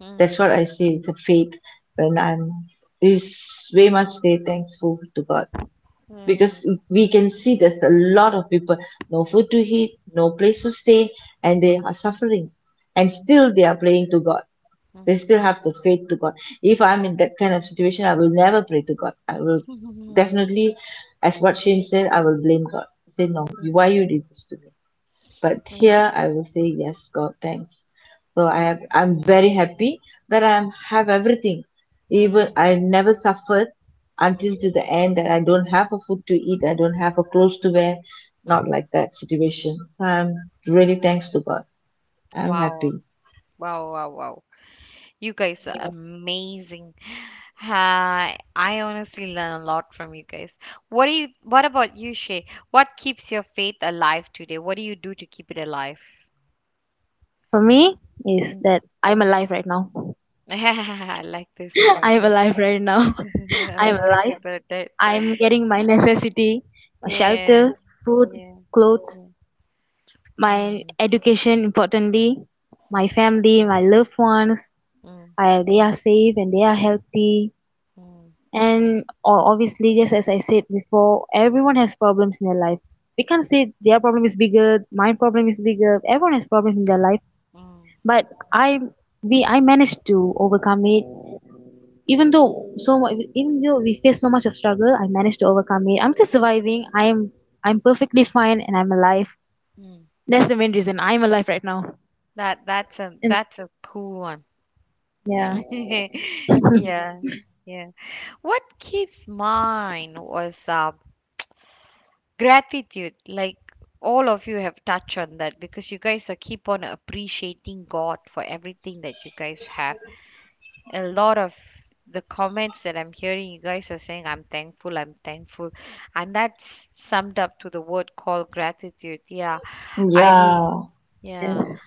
mm,
that's what I say. It's a faith, when
mm,
I'm is way much they thankful to God, because
mm,
we can see there's a lot of people no
mm,
food to
mm,
eat, no place to stay, and they
mm,
are suffering, and still they are praying to God, they still have the faith to God. If I'm in that kind of situation, I will never pray to God. I will
(laughs) mm, mm,
definitely, as what Shane said, I will blame God. Say, no, why you did this to me? But here I will say, yes, God, thanks. So I
mm,
have, I'm very happy that have everything. Even
mm,
I never suffered
mm,
until to the end that I don't have a food to eat, I don't have a clothes to wear,
mm.
not like that situation. So I'm really thanks to God. I'm happy.
Wow. Wow, wow, wow. You guys are amazing. Hi, I honestly learn a lot from you guys. What about you, Shay? What keeps your faith alive today? What do you do to keep it alive?
(laughs) For me, is
Mm.
that I'm alive right now.
(laughs) I like this
(laughs)
point.
I'm alive right now. (laughs)
(laughs) A
I'm
lot of
alive.
people are dead.
I'm getting my necessity, my
Yeah,
shelter, food,
yeah.
clothes, my
Mm,
education importantly, my
mm,
family, my loved ones.
mm,
I, they are safe and they are healthy
mm,
and obviously, just as I said before, everyone has problems in their life. We can't say their problem is bigger, my problem is bigger. Everyone has problems in their life,
mm,
but I managed to overcome it. Even though so much, even though we face so much of struggle, I managed to overcome it. I'm still surviving. I'm perfectly fine and I'm alive.
mm.
That's the main reason I'm alive right now.
That that's a
And
that's a cool one.
yeah.
(laughs) Yeah, yeah. What keeps mine was gratitude. Like, all of you have touched on that because you guys are keep on appreciating God for everything that you guys have. A lot of the comments that I'm hearing, you guys are saying, I'm thankful, I'm thankful. And that's summed up to the word called gratitude. Yeah. i l-
Yeah,
yeah,
Yes,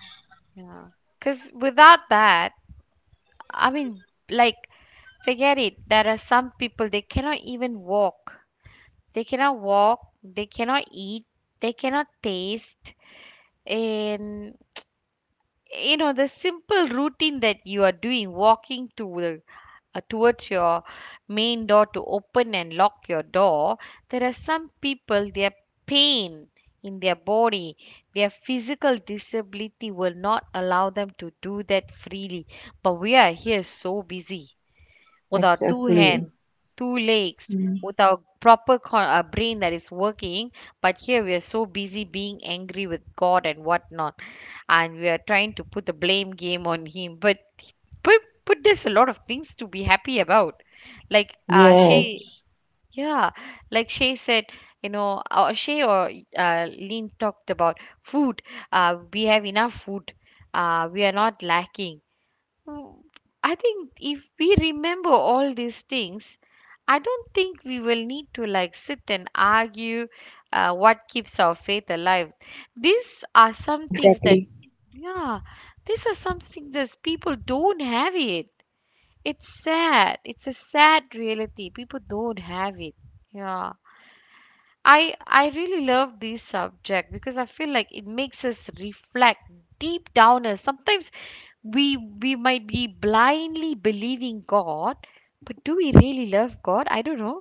yeah. Because without that, I mean, like, forget it, there are some people they cannot even walk. They cannot walk, they cannot eat, they cannot taste. And the simple routine that you are doing, walking to the towards your main door to open and lock your door, there are some people, their pain in their body, their physical disability will not allow them to do that freely. But we are here so busy, without two
exactly.
hands, two legs, without proper brain that is working. But here we are so busy being angry with God and whatnot, and we are trying to put the blame game on Him. But there's a lot of things to be happy about. Like Shay,
Yes,
yeah, like Shay said, Shay or Lynn talked about food. We have enough food. We are not lacking W- I think if we remember all these things, I don't think we will need to like sit and argue what keeps our faith alive. These are some things that,
exactly.
Yeah, these are some things that people don't have it. It's sad. It's a sad reality. People don't have it. Yeah. I really love this subject because I feel like it makes us reflect deep down as sometimes we might be blindly believing God, but do we really love God? I don't know.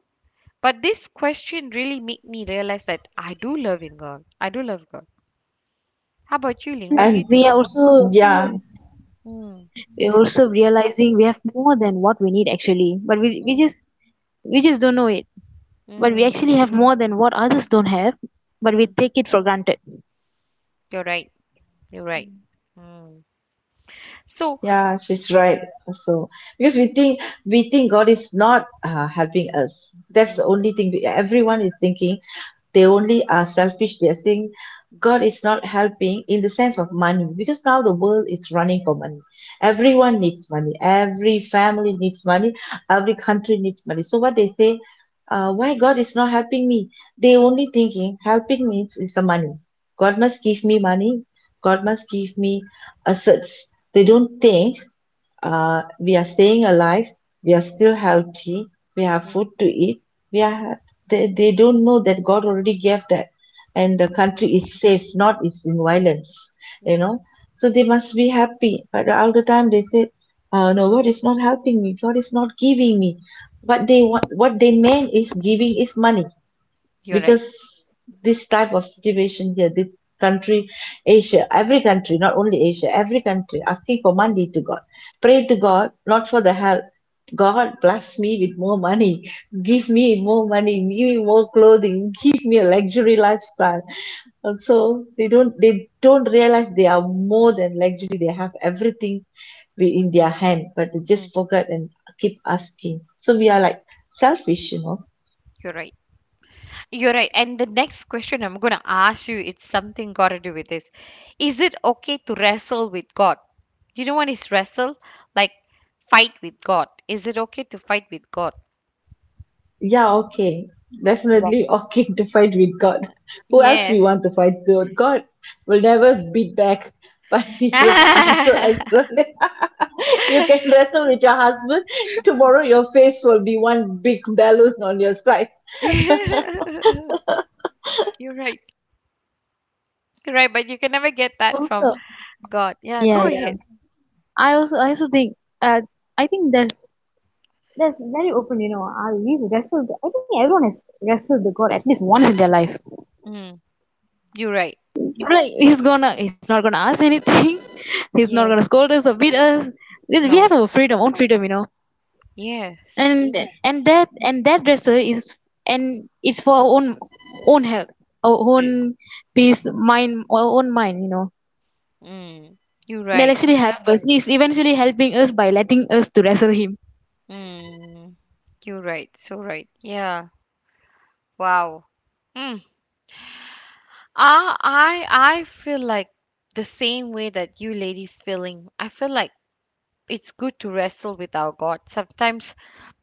But this question really made me realize that I do love in God. I do love God. How about
Yes,
you,
and
Lin?
then
What do you
and
we
think?
are also
yeah,
Mm.
we are also realizing we have more than what we need actually, but we we
Mm.
just we just don't know it. But we
Mm.
actually have more than what others don't have, but we
Mm.
take it for granted.
You're right. You're right. Mm. So,
yeah, she's right also, because we think God is not helping us. That's the
mm,
only thing we, everyone is thinking. They only are selfish, they're saying God is not helping in the sense of money, because now the world is running for money. Everyone needs money, every family needs money, every country needs money. So what they say, why God is not helping me. They
mm,
only thinking helping means is the money. God must
mm,
give me money, God must give me assets. They don't think, we are staying alive, we are still healthy, we have
mm,
food to eat. We are, they don't know that God already gave that, and the country is safe, not is in violence, you
mm.
know. So they must be happy. But all the time they say, "No, God is not helping me. God is not giving me." What they want, what they mean is giving is money,
You're right.
because this type of situation here, the country, Asia, every country, not only Asia, every country asking for money to God, pray to
Mm.
God not for the help, God bless me with more money, give me more money, give me more clothing, give me a
Mm.
luxury lifestyle. And so they don't, they don't realize they are more than luxury, they have everything in their hand, but they just
Mm.
forget and keep asking. So we are like selfish, you know.
You're right. You're right. And the next question I'm going to ask you, it's something got to do with this. Is it okay to wrestle with God? You know what is wrestle? Like fight with God. Is it okay to fight with God?
Yeah, okay.
Wow.
Definitely okay (laughs) to fight with God. Who else we
Yeah.
want to fight to? God will never beat back, but (laughs) He will answer
(laughs)
us. (laughs) You can wrestle with your
Mm. (laughs)
husband. Tomorrow your face will be one big balloon on your side.
You're right. You're right, but you can
Yeah,
never get
I
that from
also
God. Yeah,
yeah
go
yeah.
ahead.
I also think I think that's very open. You know, I we wrestled. I think everyone has wrestled the God at least once in their life.
Mm, you're right.
Right, he's gonna he's not gonna ask anything. (laughs) He's not gonna
Yes.
scold us or beat us. We have
No.
our freedom, own freedom, you know.
Yes.
And and that dresser is and it's for our own own health, our
Wait.
own peace, mind, our own mind, you know.
Mm, you're
That
right.
actually helps us. He's eventually helping us by letting us to wrestle him.
Mm, you're right. So right. Yeah. Wow. Mm. I I feel like the same way that you ladies feeling. I feel like it's good to wrestle with our God. Sometimes,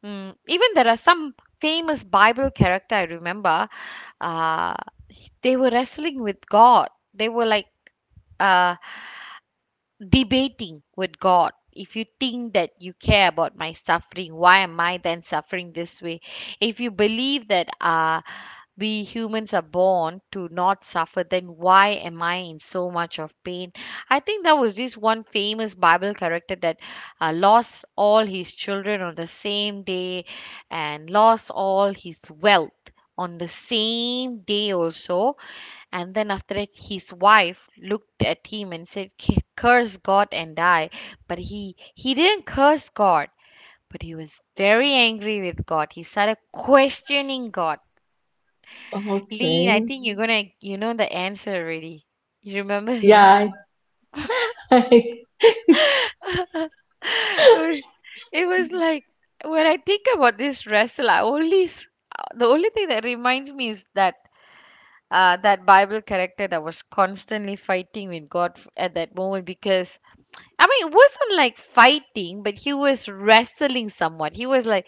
even there are some famous Bible character I remember. Uh, they were wrestling with God. They were like, uh, debating with God. If you think that you care about my suffering, why am I then suffering this way? If you believe that we humans are born to not suffer, then why am I in so much of pain? I think there was this one famous Bible character that lost all his children on the same day and lost all his wealth on the same day also, and then after that, his wife looked at him and said, Curse God and die." But he didn't curse God, but he was very angry with God. He started questioning God. Lean, I
Okay.
think you know the answer already. You remember him?
Yeah. (laughs)
(laughs) It was it was like when I think about this wrestler, the only thing that reminds me is that that Bible character that was constantly fighting with God at that moment because I mean, it wasn't like fighting, but he was wrestling someone. He was like,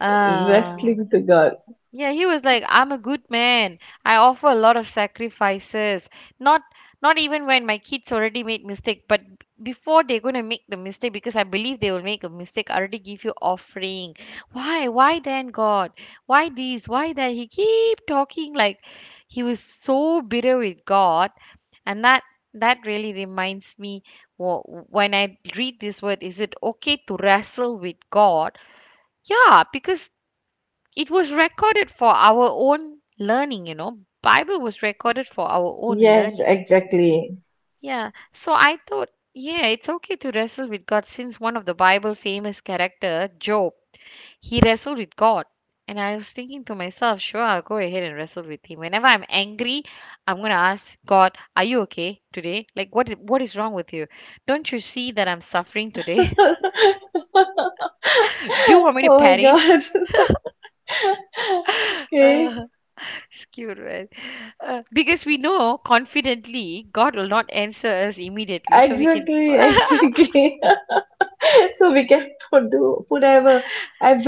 uh,
Wrestling to God.
yeah, he was like, I'm a good man. I offer a lot of sacrifices. Not Not even when my kids already made mistake, before they're gonna make the mistake, because I believe they will make a mistake, I already give you offering. Why? Why then God? Why this? Why that? He keep talking like he was so bitter with God, and that really reminds me when I read this word, is it okay to wrestle with God? Yeah, because it was recorded for our own learning, you know, bible was recorded for our own
Yes,
learning.
exactly.
Yeah, so I thought, yeah, it's okay to wrestle with god since one of the bible famous character Job, he wrestled with god. And I was thinking to myself, sure, I'll go ahead and wrestle with him whenever I'm angry. I'm going to ask god, are you okay today? Like what is wrong with you? Don't you see that I'm suffering today? (laughs)
(laughs)
Do you want me to
Oh my
perish?
God. (laughs)
Uh,
Okay.
Skewed, right? Because we know confidently God will not answer us immediately, so we can
Exactly, exactly. (laughs) So we can put do put ever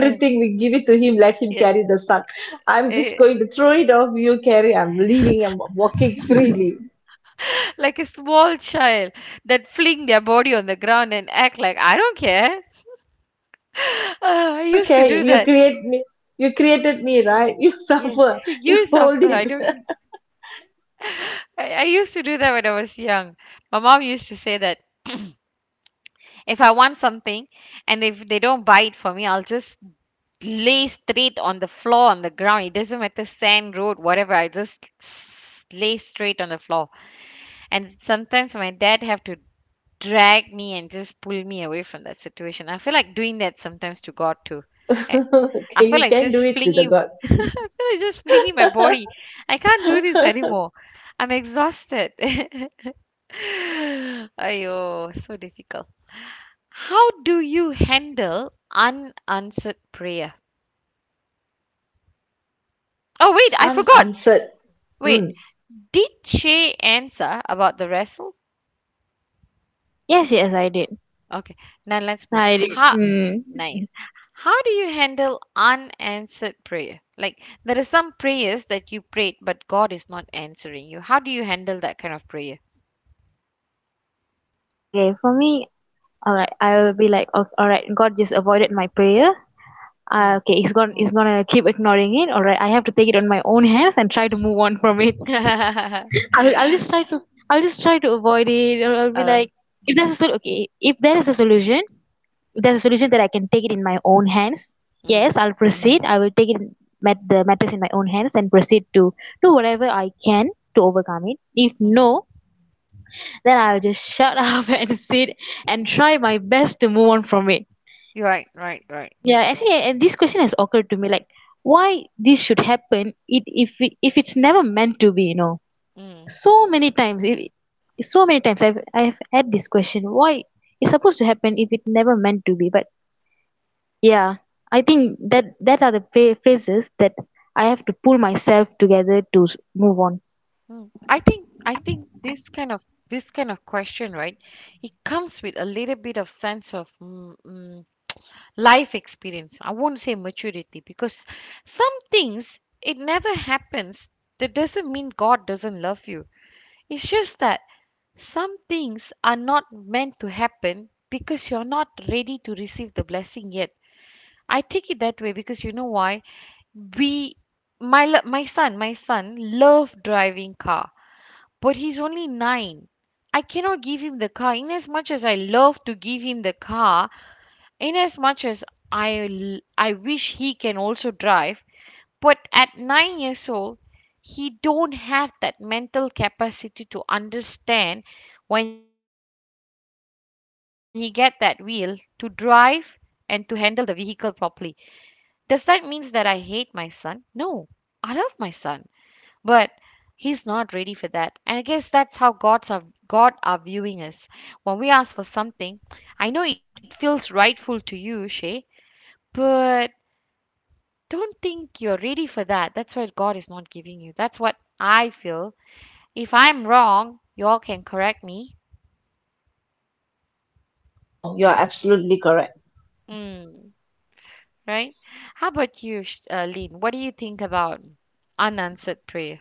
(laughs) uh,
We give it to him, let him
yeah,
carry the sun. I'm just
eh,
going to throw it off. You carry. I'm leaving. I'm walking freely.
like a small child that fling their body on the ground and act like I don't care. (laughs)
I
I
don't
used to
care.
do
You
that.
create me. You created me, right? You (laughs)
Yes,
suffer.
(laughs)
You
you
hold
suffer. I
it.
don't.
(laughs)
I used to do that when I was young. My mom used to say that (clears throat) if I want something and if they don't buy it for me, I'll just lay straight on the floor, on the ground, it doesn't matter, sand, road, whatever, lay straight on the floor. And sometimes my dad have to drag me and just pull me away from that situation. I feel like doing that sometimes to god too. i,
Okay,
I feel
you
like
can do
just
it to the
flinging,
God.
(laughs) I feel like just flinging my body. I can't do this anymore. I'm exhausted. (laughs) Ayo, so difficult. How do you handle unanswered prayer? Oh wait, I forgot.
Unanswered.
Wait,
Mm.
did she answer about the wrestle?
Yes, I did.
Okay, now let's move.
I did.
How
Mm.
nice. How do you handle unanswered prayer? Like there are some prayers that you prayed but God is not answering you. How do you handle that kind of prayer?
Okay, for me, all right, I will be like, all right, God just avoided my prayer.
Mm.
Okay, he's gonna keep ignoring it. All right, I have to take it on my own hands and try to move on from it.
(laughs)
I'll I'll just try to I'll just try to avoid it. I'll be
uh,
like, if there's a sol- okay, if there is a solution, if there's a solution that I can take it in my own hands,
mm,
yes, I'll proceed. I will take it met the matters in my own hands and proceed to do whatever I can to overcome it. If
mm.
no, then I'll just shut (laughs) up and sit and try my best to move on from it.
You're right, right, right.
Yeah, actually, and this question has occurred to me like why this should happen it, if it's never meant to be, you know.
Mm.
so many times it, so many times I've had this question why it's supposed to happen if it never meant to be. But yeah, I think that are the phases that I have to pull myself together to move on.
Mm. I think this kind of question, right? It comes with a little bit of sense of life experience. I won't say maturity because some things it never happens. That doesn't mean God doesn't love you. It's just that some things are not meant to happen because you're not ready to receive the blessing yet. I take it that way because you know why? we my son love driving car, but he's only 9. I cannot give him the car, in as much as I love to give him the car. Inasmuch as I wish he can also drive, but at 9 years old, he don't have that mental capacity to understand when he get that wheel to drive and to handle the vehicle properly. Does that means that I hate my son? No, I love my son, but he's not ready for that. And I guess that's how God are viewing us. When we ask for something, I know it feels rightful to you, Shay, but don't think you're ready for that. That's what God is not giving you. That's what I feel. If I'm wrong, y'all can correct me.
No, you are absolutely correct.
Mm, right? How about you, Lynn? What do you think about unanswered prayer?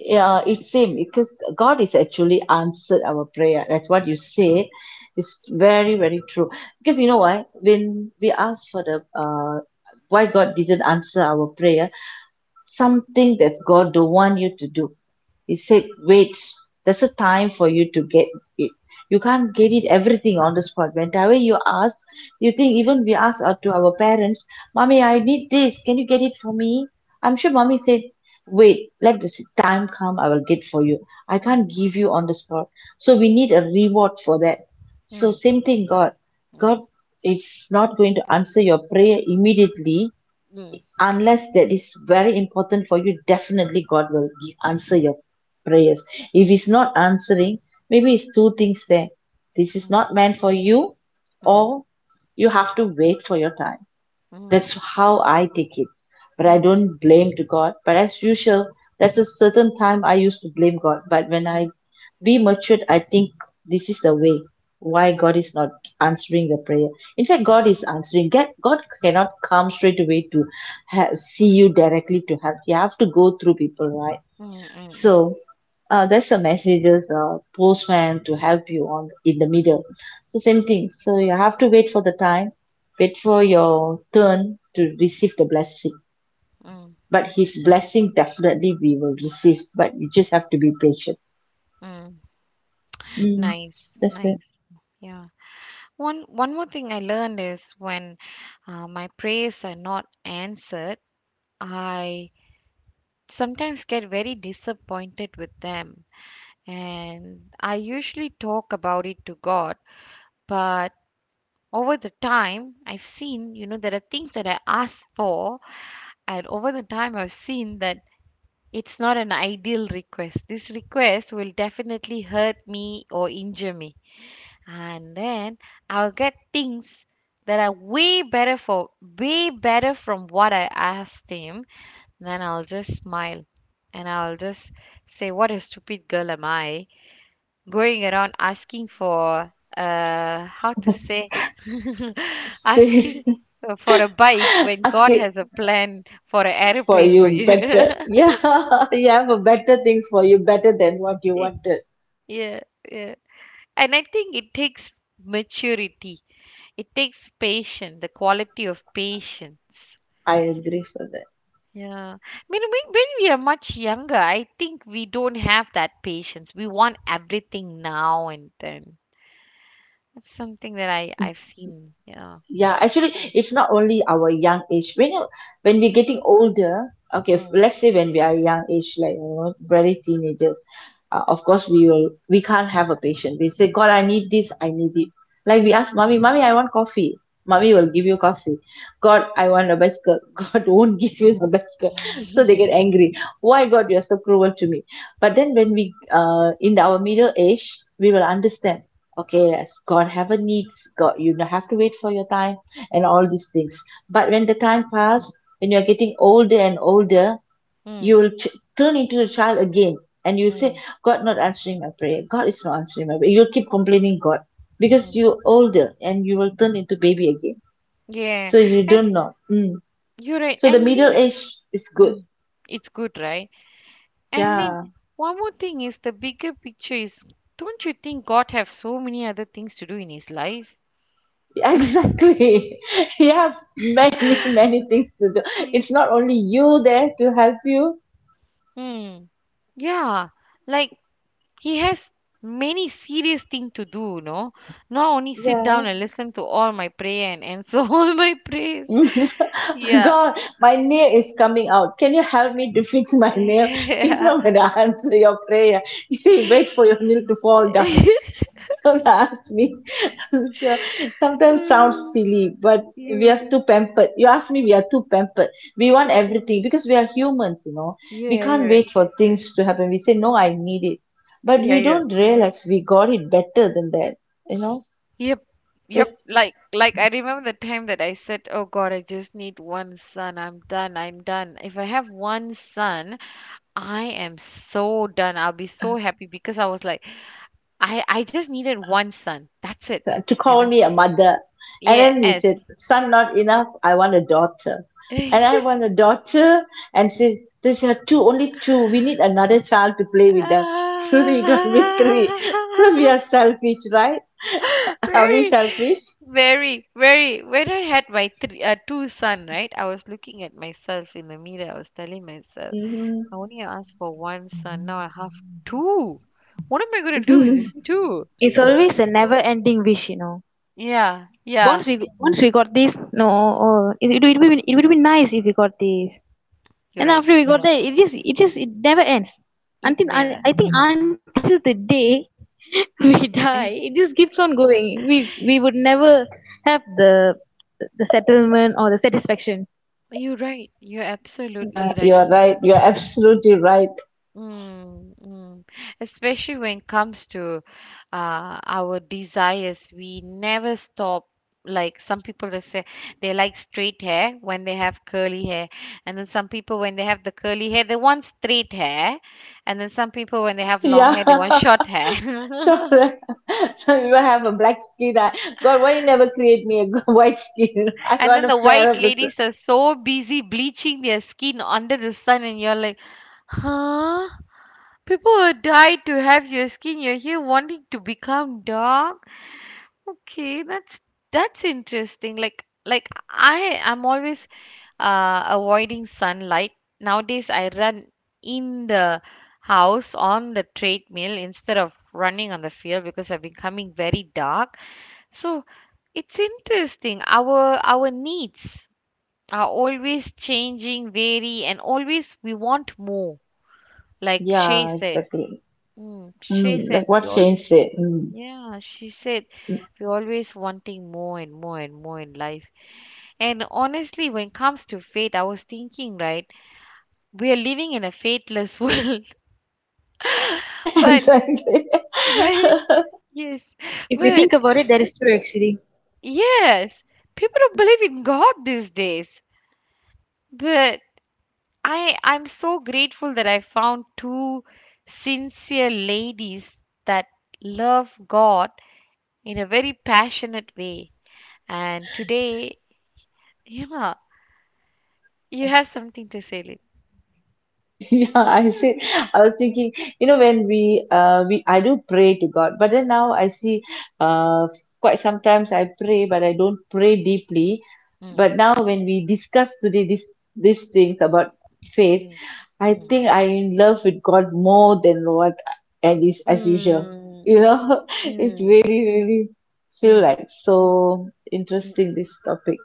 Yeah, it's same because God is actually answered our prayer. That's what you say. It's very, very true. Because you know why? When we ask for the why God didn't answer our prayer, something that God don't want you to do, he said wait, there's a time for you to get it. You can't get it everything on the spot when the way you ask. You think even we ask out to our parents, mommy I need this, can you get it for me? I'm sure mommy said wait, let the time come, I will get for you. I
Mm.
can't give you on the spot. So we need a reward for that. So
Mm.
same thing, God, God,
Mm.
it's not going to answer your prayer immediately.
Mm.
Unless that is very important for you, definitely God will give answer your prayers. If he's not answering, maybe it's two things there. This is not meant for you,
Mm.
or you have to wait for your time.
Mm.
That's
Mm.
how I take it. But I
Mm.
don't blame to God. But as usual, that's a certain time I used to blame God. But when I
Mm.
be matured, I think this is the way why
Mm.
God is not answering the prayer. In fact,
Mm. Mm.
God is answering. God cannot come straight away to see you directly to help. You have to go through people, right?
Mm.
So, that's the messages, postman to help you on in the
Mm.
middle. So same thing. So you have to wait for the time, wait for your turn to receive the blessing.
Mm.
But his blessing definitely we will receive. But you just have to be patient.
Mm.
Mm,
Nice,
that's right.
nice. Yeah. One more thing I learned is when my prayers are not answered, I sometimes get very disappointed with them. And I usually talk about it to God, but over the time, I've seen, you know, there are things that I ask for, and over the time, I've seen that it's not an ideal request. This request will definitely hurt me or injure me. And then I'll get things that are way better, for way better from what I asked him. Then I'll just smile and I'll just say, what a stupid girl am I? Going around asking for, how to say, (laughs)
So,
asking
(laughs)
for a bike when God
asking
has a plan for an
for
aeroplane for
you
you.
better. Yeah, (laughs) you have a better things for you better than what you wanted.
(laughs) Yeah, yeah. And I think it takes maturity, it takes patience, the quality of patience.
I agree for that.
Yeah. I mean, when we are much younger, I think we don't have that patience. We want everything now and then. That's something that I've seen. Yeah.
Yeah, actually it's not only our young age. When you, when we're getting older, okay,
Mm.
let's say when we are young age, like you know, very teenagers, of course we will, we can't have a patient. We say God, I need this, I need it.
Mm.
Like we
Mm.
ask mommy, mommy I want coffee, mommy will
Mm.
give you coffee. God, I want a bicycle, (laughs) God won't give you the bicycle. So they get
(laughs)
angry, why God you're so cruel to me? But then when we in our middle age, we will understand, okay, as God have a needs, God, you don't have to wait for your time and all these things. But when the time pass, when you're getting older and older,
Mm.
you will turn into a child again, and you say
Mm.
God not answering my prayer, God is not answering my prayer. You'll keep complaining God because
Mm.
you're older and you will turn into baby again.
Yeah,
So you
and
don't know. Mm.
you're right.
So the
And
middle
Lynn,
age is good.
mm, it's good, right? And Lynn,
Yeah,
one more thing is the bigger picture is, don't you think God have so many other things to do in his life?
(laughs) exactly, (laughs) you have many many things to do.
He-
It's not only you there to help you.
Mm, yeah, like he has many serious thing to do, no? Not only sit
Yeah,
down and listen to all my prayer and answer (laughs) all my prayers.
(laughs)
Yeah.
God, my nail is coming out. Can you help me to fix my nail? (laughs) He's not going
(laughs)
to (laughs) answer your prayer. You say, wait for your nail to fall down.
(laughs)
(laughs) Don't ask me. (laughs) So sometimes sounds
Mm,
silly, but we
yeah,
are too pampered. You ask me, we are too pampered. We want
yeah,
everything because we are humans, you know. We
yeah, you're
can't wait
right.
for things to happen. We say, no, I need it. But
Yeah,
we
yeah.
don't realize we got it better than that, you know.
Yep, yep. Like I remember the time that I said, "Oh God, I just need one son. I'm done. I'm done. If I have one son, I am so done. I'll be so happy because I was like, I just needed one son. That's it.
To
You
call
know?
me a mother. And
Yeah.
then he
Yes.
said, son, not enough. I want a daughter. And I want
(laughs)
a daughter. And says, there's are two, only two. We need another child to play with them. (laughs) So we don't need
Ah.
three. So we are selfish, right? (laughs) Are we
Very,
selfish?
very, very. When I had my three, two son, right? I was looking at myself in the mirror. I was telling myself, I
Hmm.
only asked for one son. Now I have two. What am I going to do with these
(laughs)
two?
It's always a never ending wish, you know.
Yeah, yeah.
Once we got this, no, oh, it would be it would be nice if we got this.
You're
And
right.
after we got Yeah. there, it just it never ends
It
until I,
never.
I think until the day (laughs) we die.
And
It just keeps on going. We would never have the settlement or the satisfaction.
you're right. You're
Yeah,
absolutely
you
right.
are right. You are absolutely right.
Mm, mm. Especially when it comes to our desires, we never stop. Like some people will say they like straight hair when they have curly hair, and then some people when they have the curly hair they want straight hair, and then some people when they have long
Yeah.
hair they want
(laughs)
short hair.
So,
(laughs)
(laughs) so you have a black skin. I, God, why you never create me a (laughs) white skin? I
And
want
then
a
the white
fairer person.
ladies are so busy bleaching their skin under the sun, and you're like, huh? People will die to have your skin. You're here wanting to become dark. Okay, that's interesting. Like I'm always avoiding sunlight. Nowadays I run in the house on the treadmill instead of running on the field because I've becoming very dark. So it's interesting. Our needs are always changing, vary, and always we want more. Like Shay
Yeah,
said.
exactly.
Mm, Shay
Mm,
said
like
we
what
all,
Shane said. Mm.
yeah, she said we're always wanting more and more and more in life. And honestly, when it comes to fate, I was thinking, right, we are living in a fateless (laughs) world.
(laughs)
But,
Exactly.
right?
(laughs)
Yes.
If we
But,
think about it, that is true actually.
yes, people don't believe in God these days. But I'm so grateful that I found two sincere ladies that love God in a very passionate way. And today, yeah. You have something to say, Lid.
Yeah, I see. I was thinking, you know, when we I do pray to God, but then now I see, uh quite sometimes I pray, but I don't pray deeply.
Mm.
But now when we discuss today this, these things about faith,
Mm.
I
Mm.
think I'm in love with God more than what, and is as usual.
Mm.
You know, (laughs) it's
Mm.
really, really feel like so
Mm.
interesting this topic.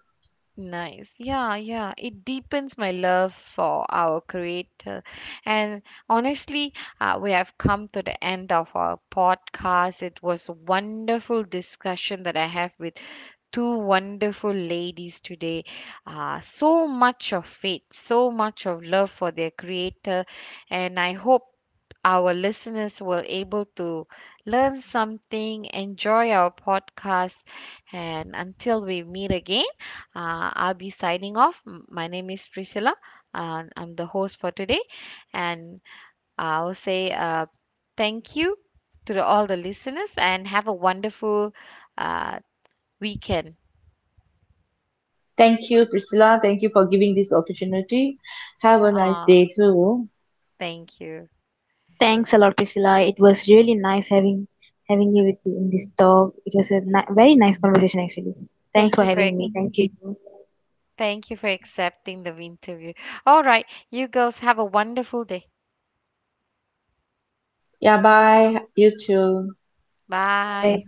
Nice. Yeah, yeah. It deepens my love for our creator. And honestly, we have come to the end of our podcast. It was a wonderful discussion that I have with two wonderful ladies today. So much of faith, so much of love for their creator. And I hope our listeners were able to learn something, enjoy our podcast. And until we meet again, I'll be signing off. My name is Priscilla, and I'm the host for today. And I'll say thank you to the, all the listeners and have a wonderful uh, weekend.
Thank you, Priscilla. Thank you for giving this opportunity. Have a nice
Uh,
day too.
thank you.
Thanks a lot, Priscilla. It was really nice having you with in this talk. It was a very nice conversation actually. Thanks
Thank
for
you for
having me. Thank you.
thank you for accepting the interview. All right, you girls have a wonderful day.
Yeah, bye. You too.
Bye bye.
Bye.